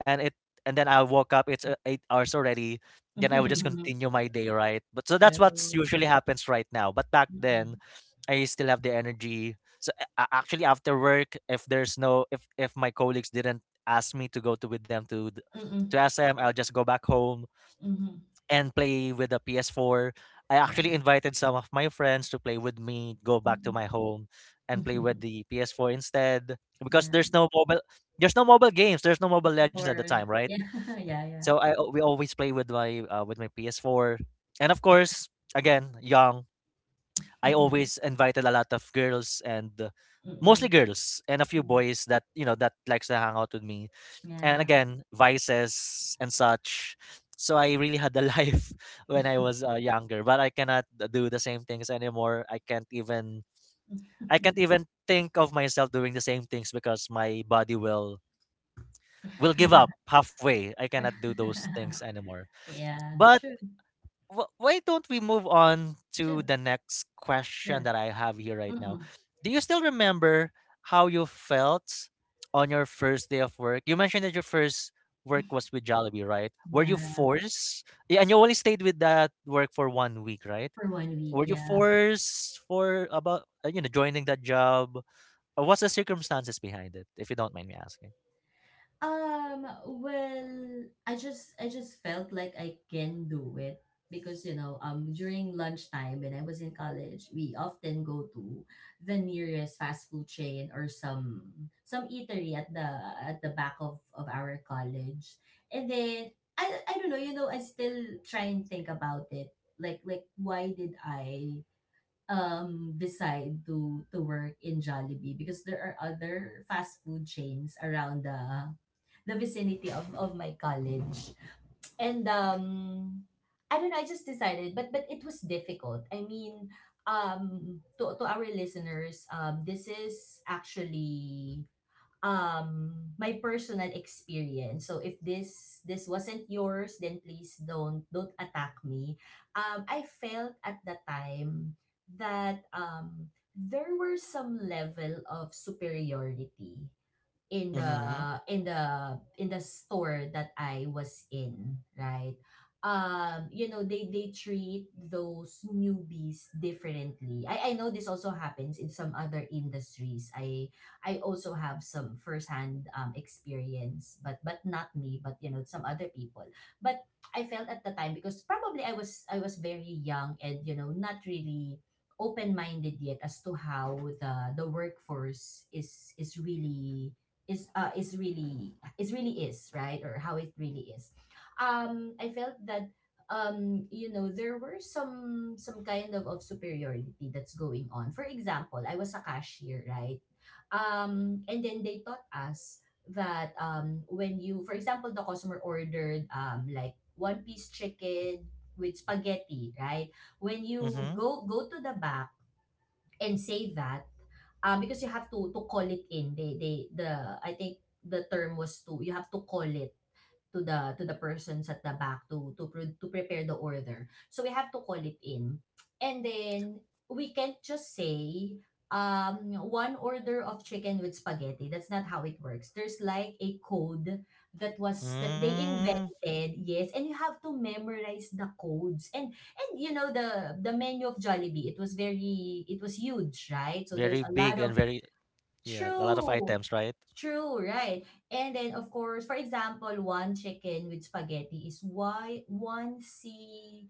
S1: and it and then I woke up, it's uh, eight hours already, then I would just
S2: (laughs)
S1: continue my day, right? But so that's what's
S2: True.
S1: usually happens right now. But back then
S2: Mm.
S1: I still have the energy. So a- a- actually after work, if there's no if if my colleagues didn't ask me to go to with them to th- to
S2: Mm.
S1: S M, I'll just go back home
S2: Mhm.
S1: and play with the P S four. I
S2: Well.
S1: actually invited some of my friends to play with me, go back to
S2: Mm.
S1: my home and play with
S2: (laughs)
S1: the P S four instead, because
S2: Yeah.
S1: there's no mobile there's no mobile games, there's no mobile legends at the
S2: For
S1: time, right?
S2: Yeah, (laughs) yeah, yeah.
S1: So I al- we always play with my uh, with my P S four. And of course, again, young, I
S2: (laughs)
S1: always invited a lot of girls and uh,
S2: Mm.
S1: mostly girls and a few boys that, you know, that likes to hang out with me, and
S2: Yeah.
S1: again vices and such. So I really had a life (laughs) when I was uh, younger, but I cannot do the same things anymore. I can't even, I can't
S2: (laughs)
S1: even think of myself doing the same things because my body will will give up halfway. I cannot do those things
S2: (laughs)
S1: anymore.
S2: Yeah,
S1: But
S2: true.
S1: wh- why don't we move on to
S2: Sure,
S1: the next question
S2: sure.
S1: that I have here right now?
S2: Mm-mm.
S1: Do you still remember how you felt on your first day of work? You mentioned that your first work was with Jollibee, right? Were you
S2: Yeah,
S1: forced? Yeah, and you only stayed with that work for one week, right?
S2: for one week,
S1: Were you
S2: yeah.
S1: forced for about uh, you know, joining that job? Uh, What's the circumstances behind it, if you don't mind me asking?
S2: Um, well, I just I just felt like I can do it because you know, um during lunchtime when I was in college, we often go to the nearest fast food chain or some some eatery at the at the back of of our college. And then I I don't know, you know, I still try and think about it. Like like why did I um decide to to work in Jollibee because there are other fast food chains around the the vicinity of of my college. And um I don't know, I just decided, but but it was difficult. I mean, um to to our listeners, um this is actually um my personal experience. So if this this wasn't yours, then please don't don't attack me. Um I felt at the time that um there were some level of superiority in the
S1: Mm-hmm.
S2: in the in the store that I was in, right? Um, you know, they they treat those newbies differently. I I know this also happens in some other industries. I I also have some firsthand um experience, but but not me, but you know, some other people. But I felt at the time, because probably I was I was very young and, you know, not really open-minded yet as to how the the workforce is is really is uh is really is really is right, or how it really is. um I felt that, um you know there were some some kind of, of superiority that's going on. For example, I was a cashier, right? Um and then they taught us that, um when you, for example, the customer ordered um like one piece chicken with spaghetti, right? When you
S1: Mm-hmm.
S2: go go to the back and say that, um, because you have to to call it in. They they the I think the term was, to, you have to call it to the to the persons at the back to to pre- to prepare the order. So we have to call it in, and then we can't just say um one order of chicken with spaghetti. That's not how it works. There's like a code that was that they invented.
S1: Mm,
S2: Yes, and you have to memorize the codes. And and you know, the the menu of Jollibee, it was very it was huge, right? So there's
S1: very
S2: a
S1: big
S2: lot
S1: and
S2: of.
S1: very yeah, a lot of
S2: True.
S1: items, right?
S2: True, right. And then of course, for example, one chicken with spaghetti is why one C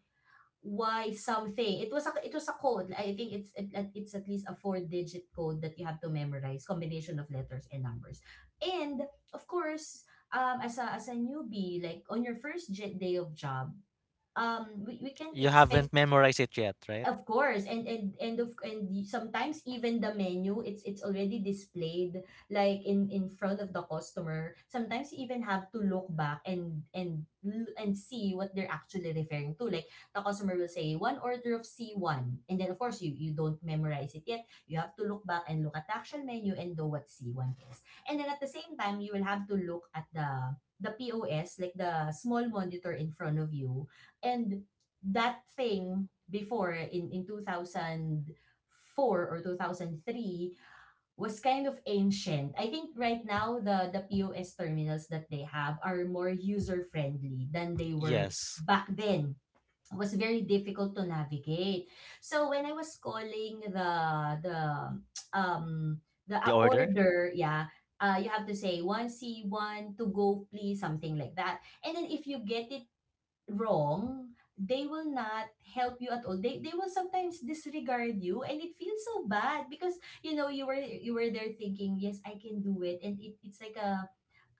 S2: why something. It was a it was a code. I think it's it, it's at least a four digit code that you have to memorize, combination of letters and numbers. And of course, um as a as a newbie, like on your first j- day of job, um we, we can't
S1: You haven't
S2: expect.
S1: memorized it yet, right?
S2: Of course, and and and of and y- sometimes even the menu, it's it's already displayed like in in front of the customer. Sometimes you even have to look back and and l- and see what they're actually referring to. Like the customer will say one order of C one, and then of course you you don't memorize it yet. You have to look back and look at the actual menu and know what C one is. And then at the same time, you will have to look at the the P O S, like the small monitor in front of you, and that thing before in, in two thousand four or two thousand three was kind of ancient. I think right now the, the P O S terminals that they have are more user friendly than they were
S1: Yes.
S2: back then. It was very difficult to navigate. So when I was calling the the um the uh,
S1: The order?
S2: order, yeah, uh, you have to say one C one to go please, something like that. And then if you get it wrong, they will not help you at all. They they will sometimes disregard you, and it feels so bad because you know you were you were there thinking, yes, I can do it. And it, it's like a,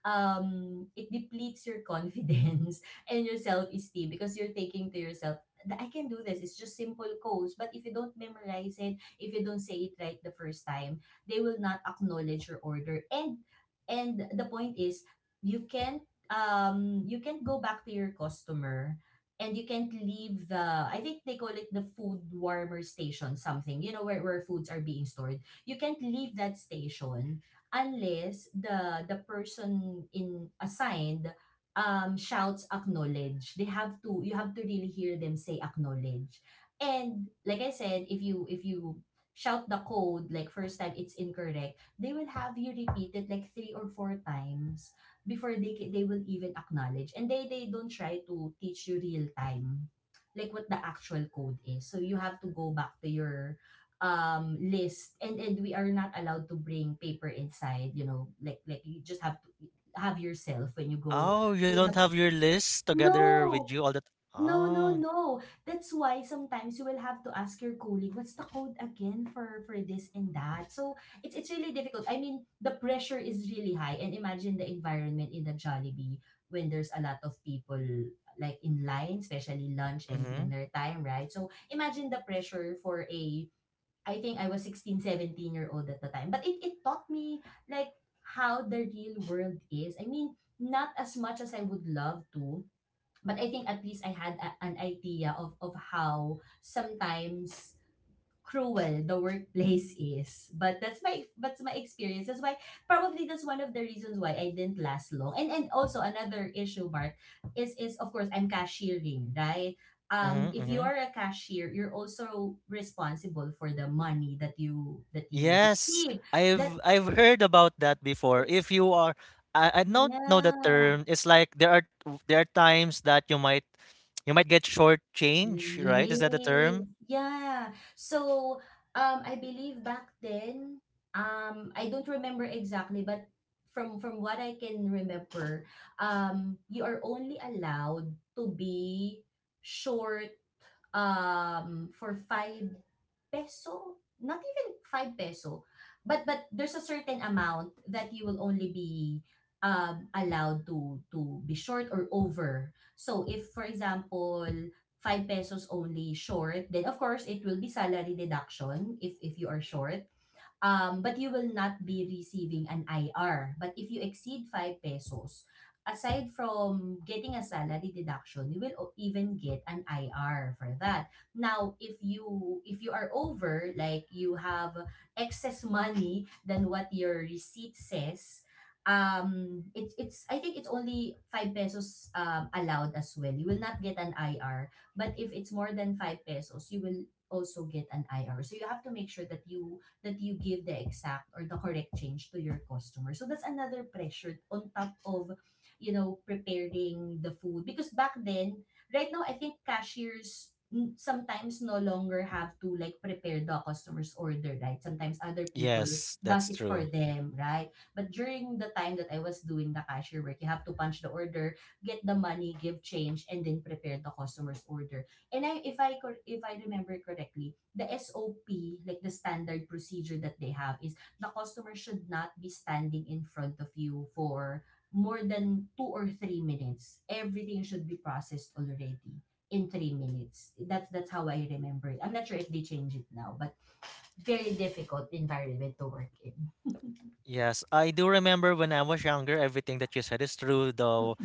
S2: um it depletes your confidence (laughs) and your self-esteem, because you're taking to yourself that I can do this. It's just simple codes. But if you don't memorize it, if you don't say it right the first time, they will not acknowledge your order. And and the point is, you can't um you can't go back to your customer, and you can't leave the, I think they call it the food warmer station, something, you know, where, where foods are being stored. You can't leave that station unless the the person in assigned um shouts acknowledge. They have to You have to really hear them say acknowledge. And like I said, if you if you shout the code, like first time it's incorrect, they will have you repeat it like three or four times before they ca- they will even acknowledge. And they they don't try to teach you real time like what the actual code is. So you have to go back to your um list. And and we are not allowed to bring paper inside, you know, like like you just have to have yourself when you go
S1: Oh, you
S2: in
S1: don't
S2: the.
S1: have your list together with
S2: No,
S1: you all that.
S2: no, no,
S1: Oh.
S2: no, that's why sometimes you will have to ask your colleague what's the code again for for this and that. So it's it's really difficult. I mean, the pressure is really high. And imagine the environment in the Jollibee when there's a lot of people like in line, especially lunch and
S1: Mhm.
S2: dinner time, right? So imagine the pressure for a, I think I was sixteen, seventeen year old at the time. But it, it taught me like how the real world is. I mean, not as much as I would love to, but I think at least I had a, an idea of, of how sometimes cruel the workplace is. But that's my that's my experience. That's why probably that's one of the reasons why I didn't last long. And and also another issue, Mark, is is of course I'm cashiering, right? Um,
S1: Mhm.
S2: if you
S1: Mhm.
S2: are a cashier, you're also responsible for the money that you that you
S1: Yes,
S2: receive. That
S1: I've I've heard about that before.
S2: it's
S1: If you are, I, I don't know the
S2: yeah.
S1: term. It's like there are there are times that you might, you might get short change, right? Is that the term?
S2: Yes, yeah. So, um, I believe back then, um, I don't remember exactly, but from from what I can remember, um, you are only allowed to be short um, for five peso, not even five peso, but but there's a certain amount that you will only be um, allowed to to be short or over. So if for example, five pesos only short, then of course it will be salary deduction if if you are short. um, but you will not be receiving an I R. But if you exceed five pesos, aside from getting a salary deduction, you will o- even get an I R for that. Now, if you if you are over, like you have excess money than what your receipt says, um it's it's I think it's only five pesos um allowed as well. You will not get an I R, but if it's more than five pesos, you will also get an I R. So you have to make sure that you that you give the exact or the correct change to your customer. So that's another pressure on top of, you know, preparing the food. Because back then, right now, I think cashiers n- sometimes no longer have to like prepare the customer's order, right? Sometimes other people
S1: Yes,
S2: does
S1: that's
S2: it for
S1: true.
S2: them, right? But during the time that I was doing the cashier work, you have to punch the order, get the money, give change, and then prepare the customer's order. And I, if I cor, If I remember correctly, the S O P, like the standard procedure that they have is the customer should not be standing in front of you for more than two or three minutes. Everything should be processed already in three minutes. That's that's how I remember it. I'm not sure if they change it now, but very difficult environment to work in.
S1: Yes, I do remember when I was younger, everything that you said is true, though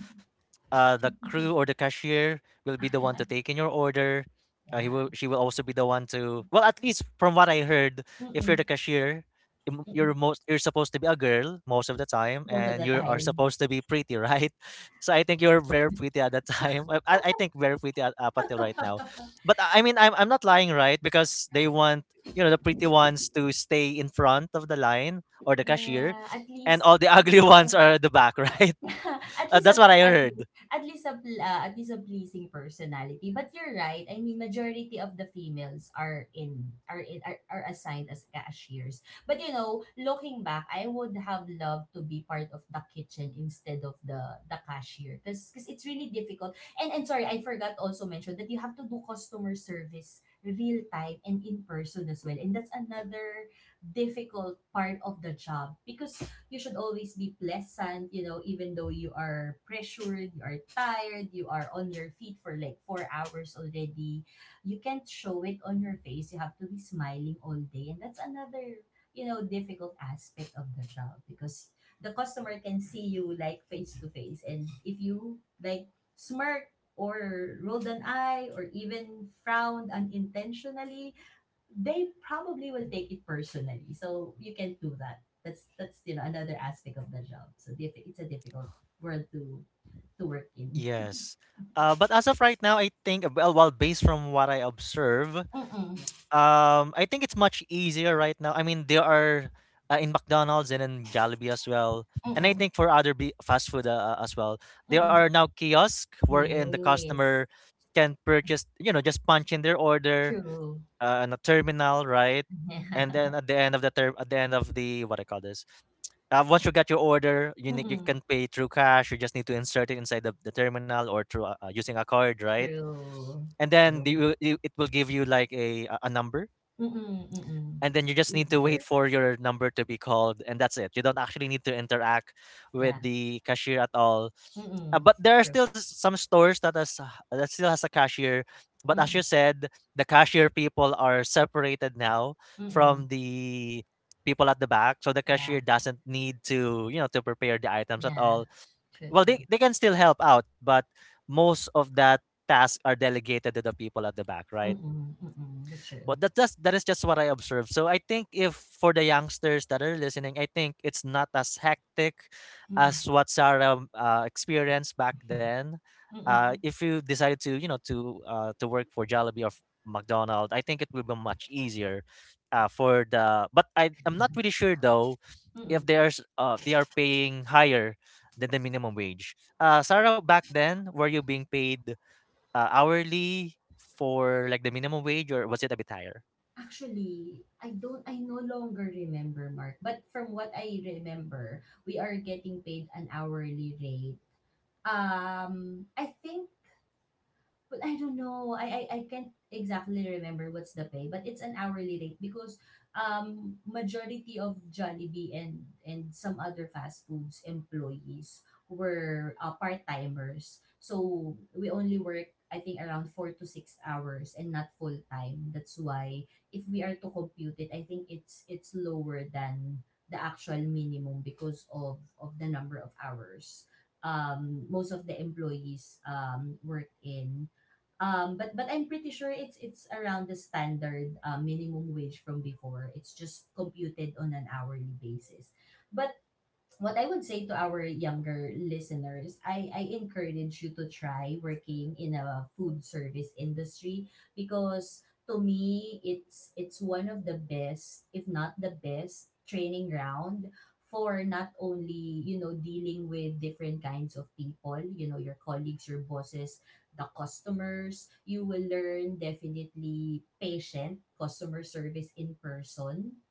S1: uh, the crew or the cashier will be the one to take in your order. Uh, he
S2: Yeah.
S1: will, she will also be the one to. Well, at least from what I heard, if you're the
S2: Mm-mm,
S1: cashier, im- you're
S2: mm-mm.
S1: most, you're supposed to be a girl most of the time,
S2: Most of
S1: and
S2: the
S1: you are
S2: time.
S1: supposed to be pretty, right? (laughs) So I think you're very pretty at that time. (laughs) I, I I think very pretty at, up until right now. But I I mean, I'm I'm not lying, right? Because they want, you know, the pretty ones to stay in front of the line or the cashier,
S2: Yeah. At
S1: and
S2: least
S1: all the
S2: at
S1: ugly (laughs) ones
S2: least
S1: are at the back, (laughs) right?
S2: (laughs) at
S1: Uh,
S2: least a
S1: that's what I
S2: at,
S1: heard.
S2: at least a pl- uh, at least a pleasing personality. But you're right. I mean, majority of the females are in are in, are, are assigned as cashiers. But you know, looking back, I would have loved to be part of the kitchen instead of the the cashier because because it's really difficult. And and sorry, I forgot also mention that you have to do customer service real time and in person as well. And that's another difficult part of the job because you should always be pleasant, you know, even though you are pressured, you are tired, you are on your feet for like four hours already. You can't show it on your face. You have to be smiling all day. And that's another, you know, difficult aspect of the job because the customer can see you like face to face. And if you like smirk or rolled an eye or even frowned unintentionally, they probably will take it personally. So you can't do that. That's that's You know, another aspect of the job. So diff- it's a difficult world to to work in.
S1: Yes. Uh, but as of right now, I think, uh, well, well, based from what I observe, um,
S2: Mm-mm,
S1: I think it's much easier right now. I mean, there are uh, in McDonald's and in Jollibee as well, and I
S2: mm-mm,
S1: think for other be- fast food uh, uh, as well, there
S2: mm-mm.
S1: are now kiosks wherein the
S2: Yes,
S1: customer can purchase, you know, just punch in their order
S2: true. (laughs)
S1: uh, on a terminal, right? And
S2: Yeah.
S1: then at the end of the term, at the end of the what I call this, uh, once you got your order, you need, you
S2: Mm-mm,
S1: can pay through cash. You just need to insert it inside the, the terminal or through uh, uh, using a card, right?
S2: true,
S1: And then
S2: true.
S1: the, you- you- it will give you like a a a number,
S2: Mm-mm, mm-mm.
S1: and then you just need to wait
S2: Easier.
S1: for your number to be called, and that's it. You don't actually need to interact
S2: Yeah.
S1: with the cashier at all. Uh,
S2: Mm-mm,
S1: but there are
S2: true.
S1: still s- some stores that has uh, that still has a cashier. But as
S2: Mm-mm,
S1: you said, the cashier people are separated now
S2: mm-mm.
S1: from the people at the back, so the
S2: Yeah,
S1: cashier doesn't need to, you know, to prepare the items at
S2: yeah.
S1: all.
S2: True,
S1: Well, they,
S2: true.
S1: they can still help out, but most of that task are delegated to the people at the back, right?
S2: Mm-mm, mm-mm. That's true.
S1: Well, that that's that is just what I observed. So I think if for the youngsters that are listening, I think it's not as hectic
S2: Mm-mm,
S1: as what Sarah um, uh, experienced back then. Uh,
S2: mm-mm,
S1: if you decided to, you know, to uh, to work for Jollibee or f- McDonald's, I think it will be much easier uh, for the. But I I'm not really sure though if
S2: mm-mm.
S1: there's uh they are paying higher than the minimum wage. Uh, Sarah, back then, were you being paid uh, hourly for like the minimum wage or was it a bit higher?
S2: Actually, I don't I no longer remember, Mark. But from what I remember, we are getting paid an hourly rate. Um, I think Well, I don't know. I, I I can't exactly remember what's the pay, but it's an hourly rate because um majority of Jollibee and and some other fast foods employees were uh, part-timers. So we only work I think around four to six hours and not full time. That's why if we are to compute it, I think it's it's lower than the actual minimum because of of the number of hours um most of the employees um worked in. Um, but but I'm pretty sure it's it's around the standard uh, minimum wage from before. It's just computed on an hourly basis. But what I would say to our younger listeners, I, I encourage you to try working in a food service industry because to me it's it's one of the best, if not the best, training ground for not only, you know, dealing with different kinds of people, you know, your colleagues, your bosses, the customers. You will learn definitely patient customer service in person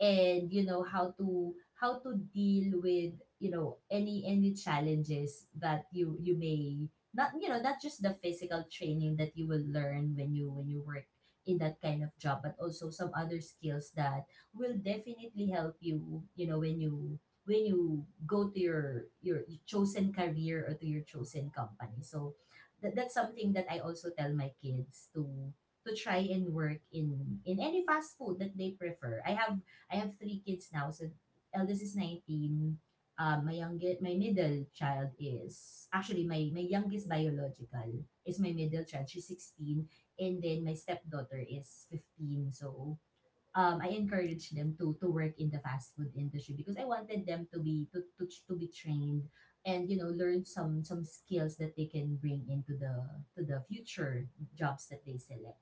S2: and you know how to how to deal with you know any any challenges that you you may, not you know, not just the physical training that you will learn when you when you work in that kind of job but also some other skills that will definitely help you you know when you when you go to your your chosen career or to your chosen company. So that, that's something that I also tell my kids to to try and work in in any fast food that they prefer. i have I have three kids now. So eldest is nineteen. Uh, my youngest, my middle child is actually my my youngest biological is my middle child. She's sixteen, and then my stepdaughter is fifteen. So um, I encourage them to to work in the fast food industry because I wanted them to be to, to, to be trained and you know learn some some skills that they can bring into the to the future jobs that they select.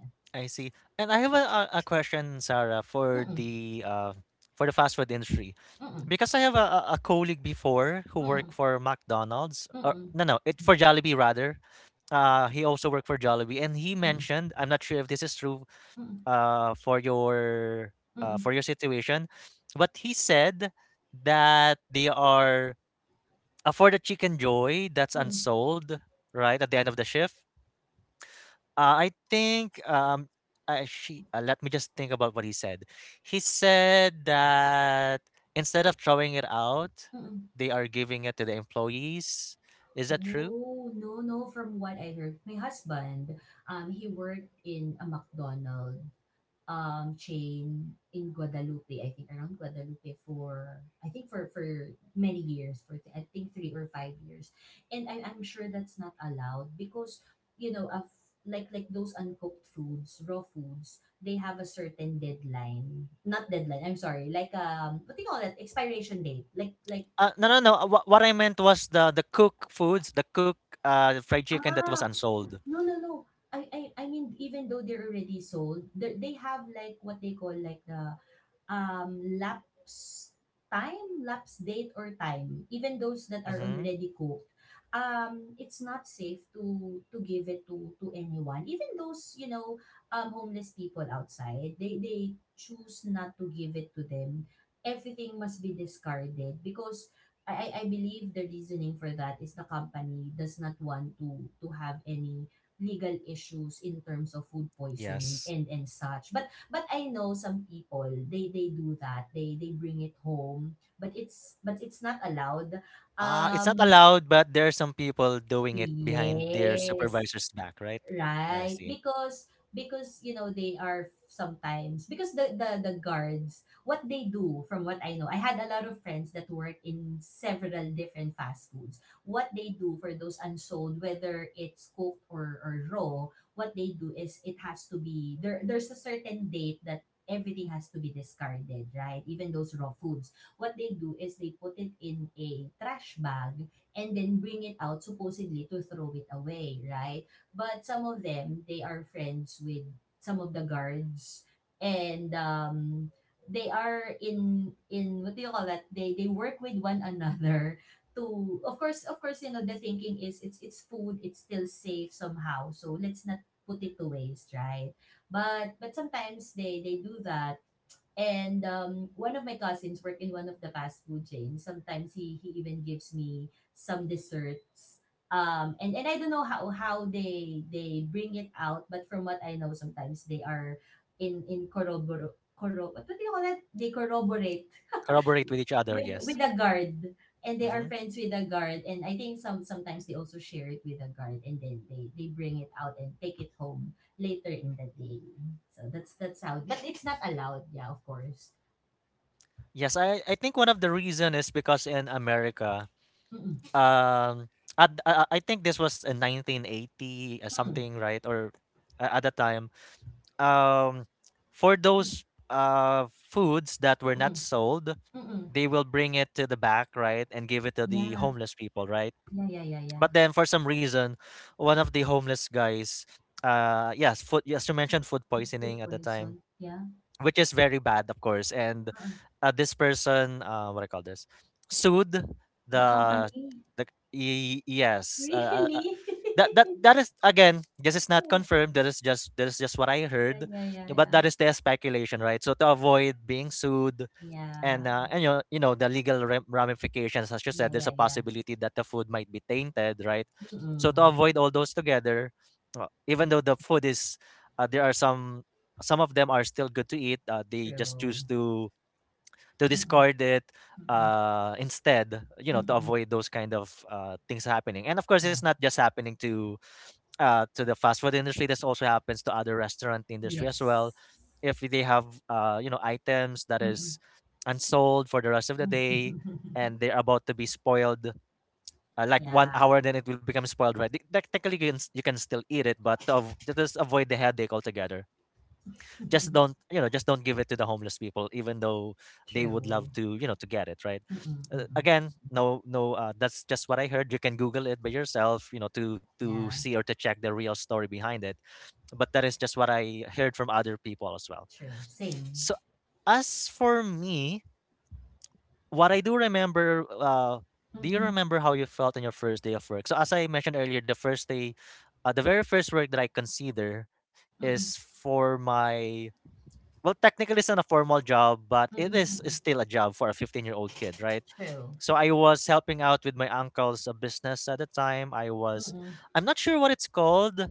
S2: Yeah.
S1: I see. And I have a, a a question, Sarah, for
S2: Mm-mm,
S1: the uh, for the fast food industry.
S2: mm-mm,
S1: Because I have a, a a colleague before who worked for McDonald's, or
S2: mm-mm,
S1: no, no, it for Jollibee rather. Uh, he also worked for Jollibee, and he
S2: mm-mm,
S1: mentioned, I'm not sure if this is true,
S2: mm-mm,
S1: uh, for your uh,
S2: mm-mm,
S1: for your situation, but he said that they are, uh, for the Chicken Joy that's
S2: mm-mm,
S1: unsold, right, at the end of the shift. Uh, I think um, uh, she. Uh, let me just think about what he said. He said that instead of throwing it out,
S2: Mm-mm.
S1: they are giving it to the employees. Is that true?
S2: Oh, no, no, from what I heard. My husband, um, he worked in a McDonald um chain in Guadalupe, I think around Guadalupe for I think for for many years, for I think three or five years. And I, I'm sure that's not allowed because, you know, of like like those uncooked foods, raw foods, they have a certain deadline. Not deadline, I'm sorry, like um what do you call that? Expiration date. Like like
S1: Uh, no, no, no. Uh, What, what I meant was the the cook foods, the cook uh, fried chicken that was
S2: Ah,
S1: unsold.
S2: no, no, no. I I I mean, even though they're already sold, they they have like what they call like the um, lapse time, lapse date, or time, even those that are
S1: Mm-hmm.
S2: already cooked, um, it's not safe to to give it to to anyone. Even those you know um, homeless people outside, they they choose not to give it to them. Everything must be discarded because. I, I I believe the reasoning for that is the company does not want to to have any legal issues in terms of food poisoning
S1: Yes.
S2: and and such. But But I know some people, they they do that. They they bring it home, but it's but it's not allowed.
S1: Uh, it's not
S2: Um,
S1: allowed, but there are some people doing it behind their
S2: yes.
S1: supervisor's back, right? I
S2: Right,
S1: see.
S2: because because you know they are sometimes because the the the guards, what they do, from what I know, I had a lot of friends that work in several different fast foods, what they do for those unsold whether it's cooked or or raw, what they do is it has to be there, there's a certain date that everything has to be discarded, right? Even those raw foods what they do is they put it in a trash bag and then bring it out supposedly to throw it away, right? But some of them, they are friends with some of the guards, and um, they are in in what do you call that? They they work with one another to of course of course you know the thinking is it's it's food it's still safe somehow so let's not put it to waste, right? but but sometimes they they do that and um, one of my cousins work in one of the fast food chains. Sometimes he he even gives me some desserts. Um, and, and I don't know how how they they bring it out, but from what I know, sometimes they are in in corrobor corro what do you call that? They corroborate
S1: Corroborate with each other,
S2: with with
S1: yes.
S2: the guard, and they are
S1: Mm-hmm.
S2: friends with the guard. And I think some sometimes they also share it with the guard, and then they they bring it out and take it home later in the day. So that's that's how. But it's not allowed, yeah, of course.
S1: Yes, I, I think one of the reason is because in America, um, at, I, I think this was in nineteen eighty uh,
S2: Mm,
S1: something, right? Or a- at that time, um, for those uh, foods that were not sold,
S2: mm, mm.
S1: they will bring it to the back, right, and give it to the
S2: Yeah.
S1: homeless people, right?
S2: Yeah, yeah, yeah, yeah.
S1: But then for some reason, one of the homeless guys, uh, yes, food, yes, you mentioned food
S2: Pet food
S1: poisoning at the time,
S2: poison, yeah,
S1: which is very bad, of course. And
S2: oo.
S1: uh, this person, uh, what I call this, sued
S2: The
S1: the
S2: company. (laughs)
S1: the y- yes. Uh, uh, uh,
S2: Really?
S1: that that
S2: (laughs)
S1: that is again. This is not confirmed. That is just that is just what I
S2: Yeah,
S1: heard,
S2: yeah, yeah,
S1: but
S2: yeah.
S1: that is their speculation, right? So to avoid being sued, and,
S2: Yeah.
S1: uh, and you know, you know the legal ram- ramifications, as you said,
S2: Yeah,
S1: there's a
S2: yeah, yeah.
S1: possibility that the food might be tainted, right? So to
S2: Mm,
S1: avoid all those together, uh, even though the food is, uh, there are some some of them are still good to eat. Uh, they just choose
S2: true.
S1: to to
S2: Mm,
S1: discard it
S2: mm,
S1: uh instead, you know to
S2: mm,
S1: avoid those kind of uh things happening. And of course it's
S2: yeah.
S1: not just happening to uh, to the fast food industry. This also happens to other restaurant industry as well.
S2: Yes.
S1: If they have uh, you know items that is
S2: Mm.
S1: unsold for the rest of the day
S2: (laughs)
S1: and they're about to be spoiled, uh, like one
S2: Yeah.
S1: hour, then it will become spoiled. Right? Th- Technically, you can, s- you can still eat it, but of, just avoid the headache altogether. Just don't
S2: (laughs)
S1: you know just don't give it to the homeless people, even though they would love
S2: True.
S1: to you know to get it, right?
S2: Mm,
S1: Uh,
S2: mm.
S1: again, no, no. Uh, that's just what I heard. You can Google it by yourself, you know, to to
S2: Yeah,
S1: see or to check the real story behind it, but that is just what I heard from other people as well.
S2: true. Same.
S1: So as for me, what I do remember, uh, do you
S2: Mm,
S1: remember how you felt on your first day of work? So as I mentioned earlier, the first day, uh, the very first work that I consider
S2: mm, mm,
S1: is for my, well, technically it's not a formal job, but
S2: mm,
S1: it is is
S2: mm.
S1: still a job for a fifteen year old kid, right?
S2: True.
S1: So I was helping out with my uncle's uh, business at the time. I was,
S2: Mm.
S1: I'm not sure what it's called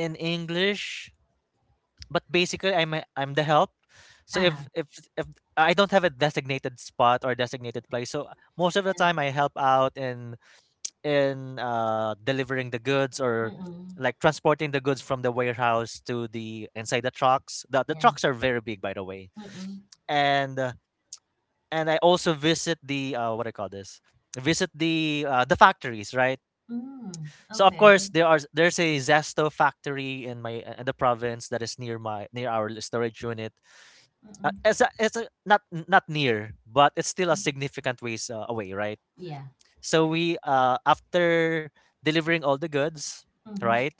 S1: in English, but basically I'm a- I'm the help. So
S2: Uh-huh.
S1: if if if I don't have a designated spot or designated place, so most of the time I help out in in uh, delivering the goods or
S2: Mm.
S1: like transporting the goods from the warehouse to the inside the trucks. The the
S2: Yeah.
S1: trucks are very big, by the way,
S2: Mm-mm.
S1: and uh, and I also visit the uh, what do I call this visit the uh, the factories, right?
S2: Mm,
S1: So of course
S2: okay.
S1: there are there's a Zesto factory in my, in the province that is near my, near our storage unit. Uh,
S2: Mm-mm.
S1: it's a, it's a, not not near, but it's still a
S2: Mm.
S1: significant ways uh, away, right?
S2: Yeah.
S1: So we uh after delivering all the goods,
S2: Mhm.
S1: right?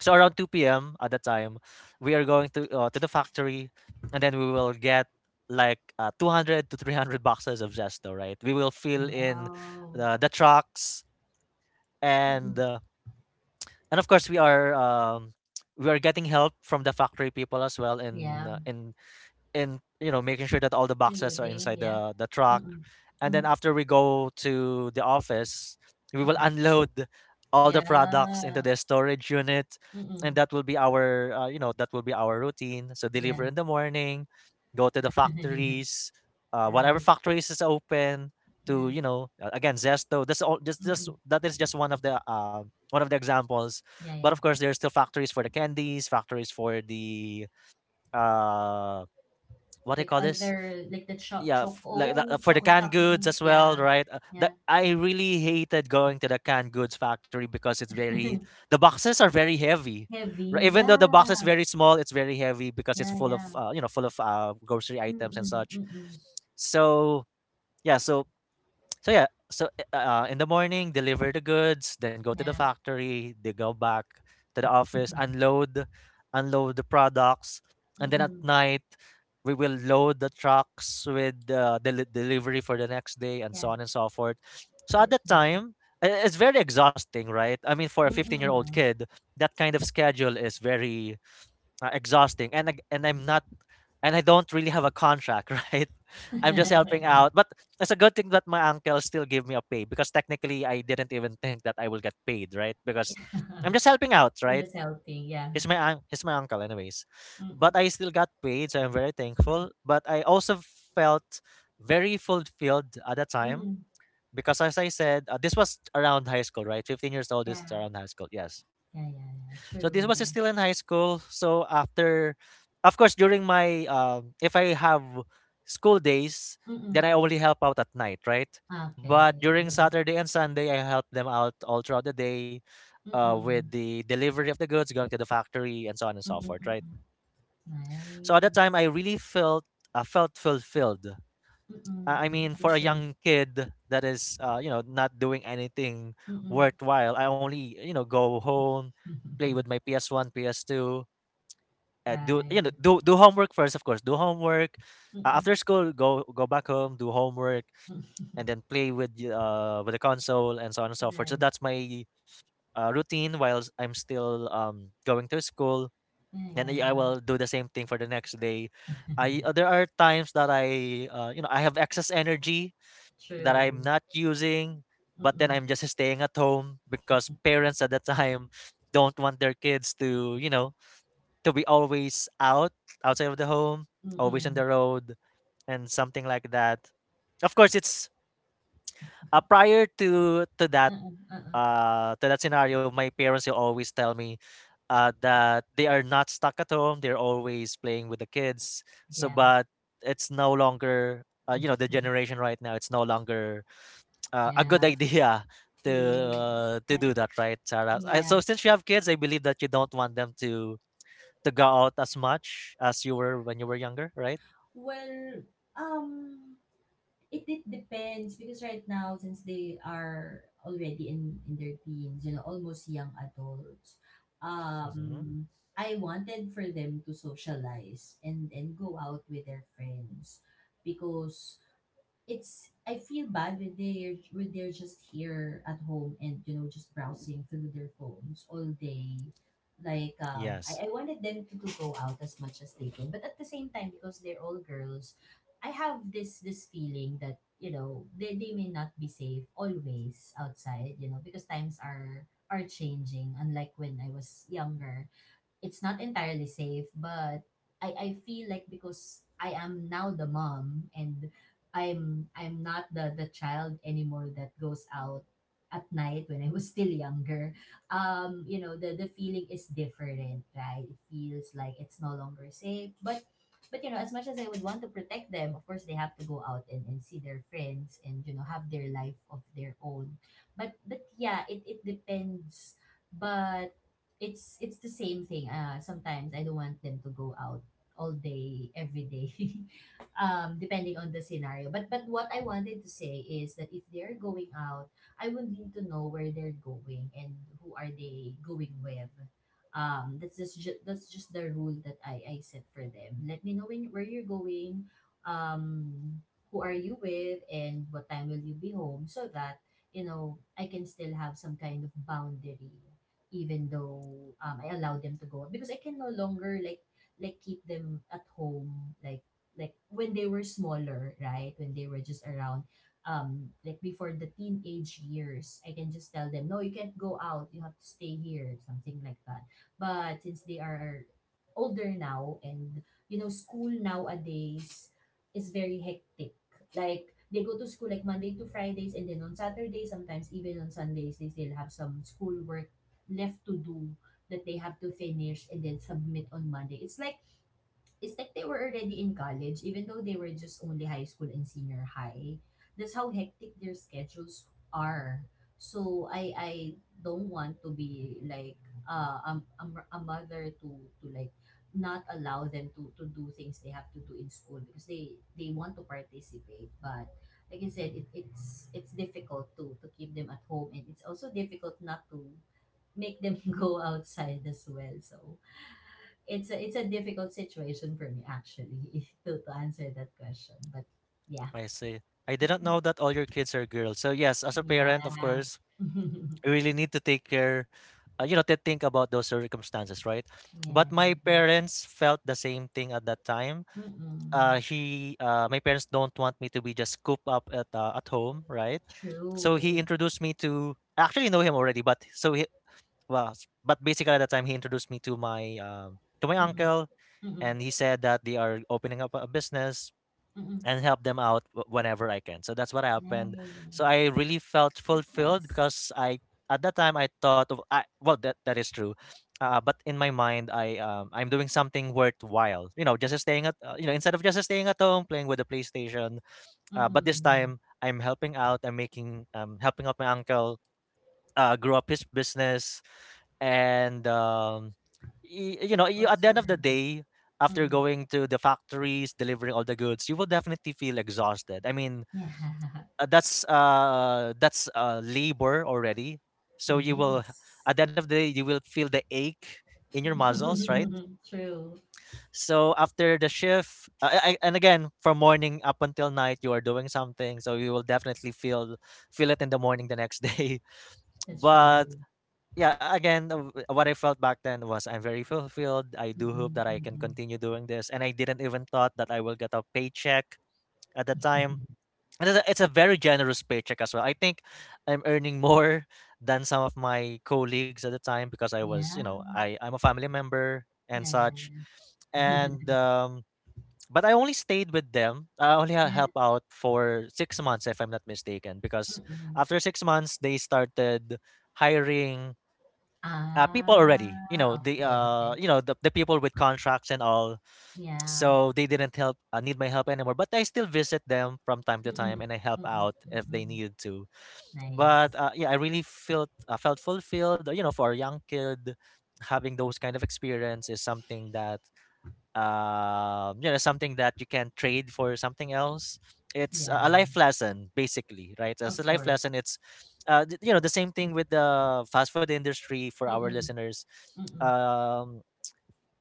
S1: So around two p m at that time, we are going to uh, to the factory, and then we will get like uh, two hundred to three hundred boxes of Zesto, right? We will fill in
S2: Wow.
S1: the, the trucks, and
S2: Mm-mm.
S1: uh, and of course we are um, we are getting help from the factory people as well in
S2: Yeah.
S1: uh, in In you know making sure that all the boxes are
S2: Including,
S1: inside
S2: yeah.
S1: the the truck.
S2: Mm-mm.
S1: And then
S2: Mm-hmm.
S1: after we go to the office we will
S2: Okay.
S1: unload all the products into the
S2: Yeah.
S1: storage unit, and
S2: Mm-mm.
S1: that will be our uh, you know that will be our routine. So deliver in the
S2: Yes.
S1: morning, go to the
S2: (laughs)
S1: factories, uh, whatever
S2: Right.
S1: factories is open, to you
S2: Yeah.
S1: know uh, again Zesto. That's all, just just
S2: Mm-mm.
S1: that is just one of the uh, one of the examples.
S2: Yeah,
S1: But
S2: yeah.
S1: of course there are still factories for the candies, factories for the uh what do you
S2: Like
S1: call this?
S2: other, like the cho
S1: Yeah, f- like that, uh,
S2: choco,
S1: for the
S2: choco
S1: canned
S2: chocolate
S1: goods
S2: things.
S1: as
S2: Yeah.
S1: well, right? Uh, the,
S2: Yeah.
S1: I really hated going to the canned goods factory because it's very,
S2: (laughs)
S1: the boxes are very heavy. Right?
S2: Heavy.
S1: Even though the box is
S2: Yeah.
S1: very small, it's very heavy because it's
S2: Yeah,
S1: full of
S2: yeah.
S1: uh, you know full of uh, grocery items and
S2: Mm-mm.
S1: such.
S2: Mm-mm.
S1: So yeah, so so yeah, so uh, uh, in the morning, deliver the goods, then go to the
S2: Yeah.
S1: factory, they go back to the office,
S2: (laughs)
S1: unload, unload the products, and then at
S2: Mm-mm.
S1: night we will load the trucks with uh, the delivery for the next day, and
S2: Yeah.
S1: so on and so forth. So at
S2: Rich,
S1: that
S2: rich.
S1: time, i- it's very exhausting, right? I mean, for a fifteen-year-old
S2: Mm-mm.
S1: kid, that kind of schedule is very uh, exhausting. And ag- and I'm not and I don't really have a contract, (laughs) right? I'm just helping
S2: (laughs)
S1: out. But it's a good thing that my uncle still gave me a pay, because technically I didn't even think that I will get paid, right? Because I'm just helping out, right?
S2: Just healthy, yeah.
S1: He's my un- he's my uncle anyways.
S2: Mm-mm,
S1: But I still got paid, so I'm very
S2: yeah.
S1: thankful, but I also felt very fulfilled at the time
S2: Mm-mm,
S1: because, as I said, uh, this was around high school, right? fifteen years old is
S2: yeah.
S1: around high school. Yes.
S2: Yeah, yeah, yeah,
S1: So this was
S2: true.
S1: still in high school. So after, of course, during my um, if I have school days,
S2: Mm-mm.
S1: then I only help out at night, right?
S2: Okay.
S1: But during
S2: Mm-mm.
S1: Saturday and Sunday, I help them out all throughout the day uh, with
S2: Mm-mm,
S1: the delivery of the goods, going to the factory, and so on and so forth, right?
S2: mm-mm.
S1: So at that time,
S2: Nice.
S1: I really felt uh, felt fulfilled.
S2: Mm-mm,
S1: I I
S2: mm,
S1: mean,
S2: I'm
S1: for a
S2: sure.
S1: young kid that is, uh, you know, not doing anything
S2: Mm-mm.
S1: worthwhile, I only, you know, go home, play with
S2: (laughs)
S1: my P S one, P S two, uh, do you know
S2: Right.
S1: do do homework first, of course, do homework. Uh,
S2: Mm-mm.
S1: after school, go go back home, do homework, and
S2: (laughs)
S1: then play with y- uh with the console and so on and so forth. So
S2: Right.
S1: that's my uh, routine while s- I'm still um going to school, and
S2: Yeah,
S1: i I
S2: yeah,
S1: will do the same thing for the next day.
S2: yeah.
S1: I uh, There are times that I uh, you know I have excess energy
S2: (laughs)
S1: that I'm
S2: True.
S1: not using, but then
S2: Mm-mm.
S1: I'm just staying at home because parents at that (laughs) time don't want their kids to you know to be always out, outside of the home, always on the
S2: Mm-mm.
S1: road, and something like that. Of course, it's uh, prior to to that
S2: Uh-uh, uh-uh.
S1: uh to that scenario. My parents will always tell me uh that they are not stuck at home; they're always playing with the kids. So,
S2: Yeah.
S1: but it's no longer uh, you know
S2: (laughs)
S1: the generation right now. It's no longer uh, a
S2: Yeah.
S1: good (laughs) idea to
S2: Yes.
S1: uh, to
S2: Thank.
S1: do that, right, Sarah? Uh, So
S2: Yeah.
S1: since you have kids, I believe that you don't want them to to go out as much as you were when you were younger, right?
S2: Well, um, It it depends because right now since they are already in in their teens, you know, almost young adults.
S1: Mm-hmm.
S2: Um I wanted for them to socialize and and go out with their friends because it's I feel bad when they're when they're just here at home and you know just browsing through their phones all day. Like um,
S1: Yes,
S2: I, I wanted them to, to go out as much as they can, but at the same time because they're all girls, I have this this feeling that you know they, they may not be safe always outside. You know because times are are changing. Unlike when I was younger, it's not entirely safe, but I, I feel like because I am now the mom and I'm I'm not the, the child anymore that goes out at night when I was (laughs) still younger. Um, you know, the, the feeling is different, right? It feels like it's no longer safe. But but you know, as much as I would want to protect them, of course they have to go out and, and see their friends and, you know, have their life of their own. But but yeah, it, it depends. But it's it's the same thing. Uh, sometimes I don't want them to go out all day, every day, (laughs) um, depending on the scenario. But but what I wanted to say is that if they're going out, I would need to know where they're going and who are they going with. Um, that's just ju- that's just the rule that I I set for them. Let me know when, where you're going, um, who are you with, and what time will you be home, so that you know I can still have some kind of boundary even though um, I allow them to go out because I can no longer like like keep them at home like like when they were smaller, right, when they were just around, um like before the teenage years. I can just tell them, no, you can't go out, you have to stay here, something like that. But since they are older now and you know school nowadays is very hectic, like they go to school like Monday to Fridays and then on Saturdays, sometimes even on Sundays, they still have some schoolwork left to do that they have to finish and then submit on Monday. It's like it's like they were already in college, even though they were just only high school and senior high. That's how hectic their schedules are. So I I don't want to be like uh, a, a, a mother to to like not allow them to to do things they have to do in school because they they want to participate, but like I said, it, it's it's difficult to to keep them at home, and it's also difficult not to make them (laughs) go outside as well. So it's a it's a difficult situation for me actually (laughs) if to, to answer that question. But yeah,
S1: I see. I didn't know that all your kids are girls. So yes, as a
S2: yeah,
S1: parent, of
S2: (laughs) yeah.
S1: course, you really need to take care, uh, you know, to think about those circumstances, right? But my parents felt the same thing at that time. Uh,
S2: Mm-mm.
S1: he, uh, my parents don't want me to be just cooped up at uh, at home, right? So he
S2: True.
S1: introduced me to, I actually know him already, but so he, Well, s but basically at that time, he introduced me to my, um, to my
S2: Mm-mm.
S1: uncle,
S2: Mm-mm.
S1: and he said that they are opening up a business
S2: Mm-mm.
S1: and help them out wh- whenever I can. So that's what happened. So I
S2: Nice.
S1: really felt
S2: That's
S1: fulfilled
S2: nice.
S1: because I at that time I thought of I well, that that is true. Uh, but in my mind, I um, I'm doing something worthwhile. You know, just staying at uh, you know instead of just staying at home playing with the PlayStation. Uh, but this
S2: Mm-mm.
S1: time I'm helping out. I'm making um helping out my uncle uh, grow up his business, and um, y- you know,
S2: Like
S1: you,
S2: all
S1: at the end of the
S2: sorry.
S1: day, after
S2: Mm-mm.
S1: going to the factories, delivering all the goods, you will definitely feel exhausted. I mean,
S2: Yeah. (laughs)
S1: uh, that's uh that's uh labor already. So you will h-
S2: Yes.
S1: at the end of the day you will feel the ache in your muscles,
S2: (laughs)
S1: right?
S2: True.
S1: So after the shift, uh, I, and again, from morning up until night, you are doing something, so you will definitely feel feel it in the morning the next day. (laughs)
S2: That's
S1: But
S2: true.
S1: yeah, again, uh, w- what I felt back then was I'm very fulfilled. I do hope
S2: Mm-mm.
S1: that I can
S2: Mm-mm.
S1: continue doing this, and I didn't even thought that I will get a paycheck at the time. And it's a, it's a very generous paycheck as well. I think I'm earning (laughs) more than some of my colleagues at the time because I was, you
S2: Yeah.
S1: know, I I'm a family member and
S2: Yeah.
S1: such.
S2: Yeah.
S1: And um, but I only stayed with them. I only ha-
S2: Yeah.
S1: help
S2: (laughs)
S1: out for six months, if I'm not mistaken, because
S2: Mm.
S1: after six months they started hiring uh, people already, you
S2: Ah,
S1: know, the
S2: okay,
S1: uh
S2: okay.
S1: you know the, the people with contracts and all,
S2: Yeah.
S1: so they didn't help uh, need my help anymore. But I still visit them from time to time
S2: Mm-mm.
S1: and I help
S2: Mm-mm.
S1: out if they
S2: Mm-mm.
S1: needed to.
S2: Nice.
S1: But uh, yeah, I really felt uh, felt fulfilled. You know, for a young kid, having those kind of experience is something that um, you know something that you can trade for something else. It's a a
S2: Yeah,
S1: life lesson. Basically, right? As a
S2: of
S1: life
S2: course.
S1: lesson, it's uh, th- you know, the same thing with the fast food industry. For our
S2: Mm-mm.
S1: listeners,
S2: Mm-mm.
S1: um,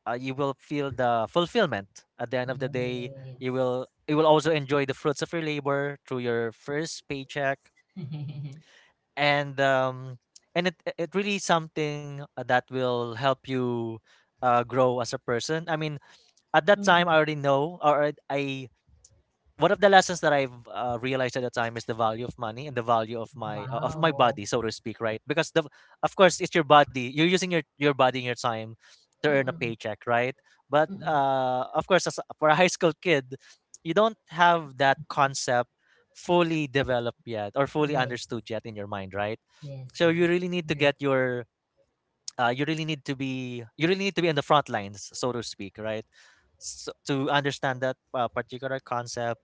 S1: uh, you will feel the fulfillment at the end of the day. You
S2: Yes.
S1: will, you will also enjoy the fruits of your labor through your first paycheck,
S2: (laughs)
S1: and um, and it it really something uh, that will help you uh, grow as a person. I mean, at that time I
S2: Mm-mm.
S1: already know or I one of the lessons that I've uh, realized at the time is the value of money and the value of my uh, of my
S2: Wow.
S1: body, so to speak, right? Because the of course it's your body. You're using your your body and your time to earn a
S2: Mm-mm.
S1: paycheck, right? But
S2: Mm-mm.
S1: uh, of course, as, a- for a high school kid, you don't have that concept fully developed yet or fully
S2: Yes.
S1: understood yet in your mind, right?
S2: Yes,
S1: So you
S2: yes.
S1: really need to
S2: Agree.
S1: get your uh, you really need to be you really need to be in the front lines, so to speak, right? So to understand that uh, particular concept.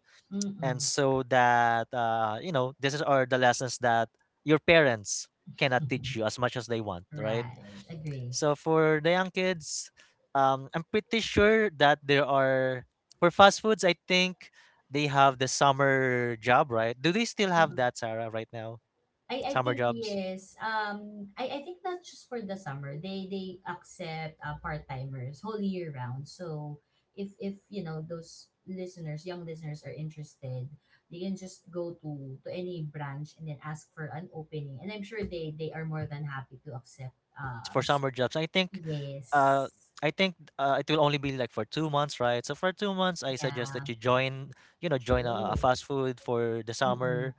S1: And
S2: Mm-mm.
S1: so that uh, you know this is are the lessons that your parents cannot teach you
S2: (laughs)
S1: as much as they want, right?
S2: Right. Agree.
S1: So for the young kids, um, I'm pretty sure that there are, for fast foods, I think they have the summer job, right? Do they still have that, Sarah, right now?
S2: I I
S1: Summer
S2: think
S1: jobs.
S2: yes. Um, I I think that's just for the summer. They they accept uh, part timers whole year round. So if if you know those listeners, young listeners are interested, they can just go to to any branch and then
S1: Yes.
S2: ask for
S1: So
S2: an
S1: for the
S2: opening. And
S1: uh,
S2: I'm
S1: our
S2: sure they
S1: listeners,
S2: they are more
S1: um,
S2: than
S1: again,
S2: happy to
S1: for
S2: accept.
S1: part-time jobs,
S2: Um,
S1: for
S2: s-
S1: summer jobs, I think,
S2: yes,
S1: uh, I think uh, it will only be like for two months, right? So for two months, I suggest
S2: yeah,
S1: that you join, you know, join a, a
S2: true.
S1: fast food for the
S2: Mm mm
S1: summer,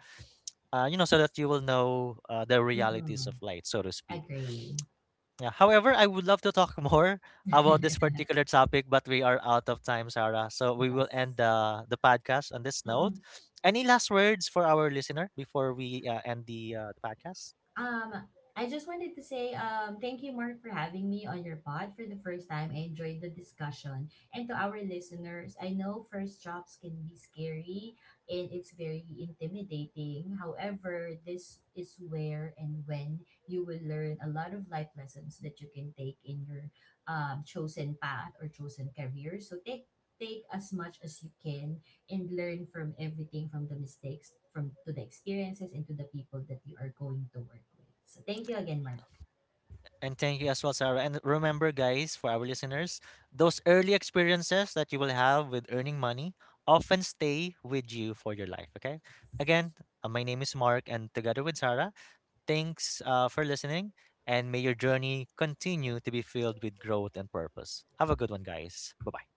S1: uh, you know, so that you will know uh, the
S2: mm
S1: realities
S2: mm.
S1: of life, so to speak.
S2: Agree.
S1: Yeah. However, I would love to talk (laughs) more about this
S2: (laughs)
S1: particular topic, but we are out of time, Sarah. So we will
S2: Yes.
S1: end the the podcast on this note.
S2: Mm.
S1: Any last words for our listener before we uh, end the uh, the podcast?
S2: Um, I just wanted to say um, thank you, Mark, for having me on your pod for the first time. I enjoyed the discussion. And to our listeners, I know first jobs can be scary and it's very intimidating. However, this is where and when you will learn a lot of life lessons that you can take in your um, chosen path or chosen career. So take take as much as you can and learn from everything, from the mistakes, from to the experiences, and to the people that you are going to work with. So thank you again, Mark.
S1: And thank you as well, Sarah. And remember, guys, for our listeners, those early experiences that you will have with earning money often stay with you for your life. Okay. Again, uh, my name is Mark, and together with Sarah. Thanks uh, for listening, and may your journey continue to be filled with growth and purpose. Have a good one, guys. Bye bye.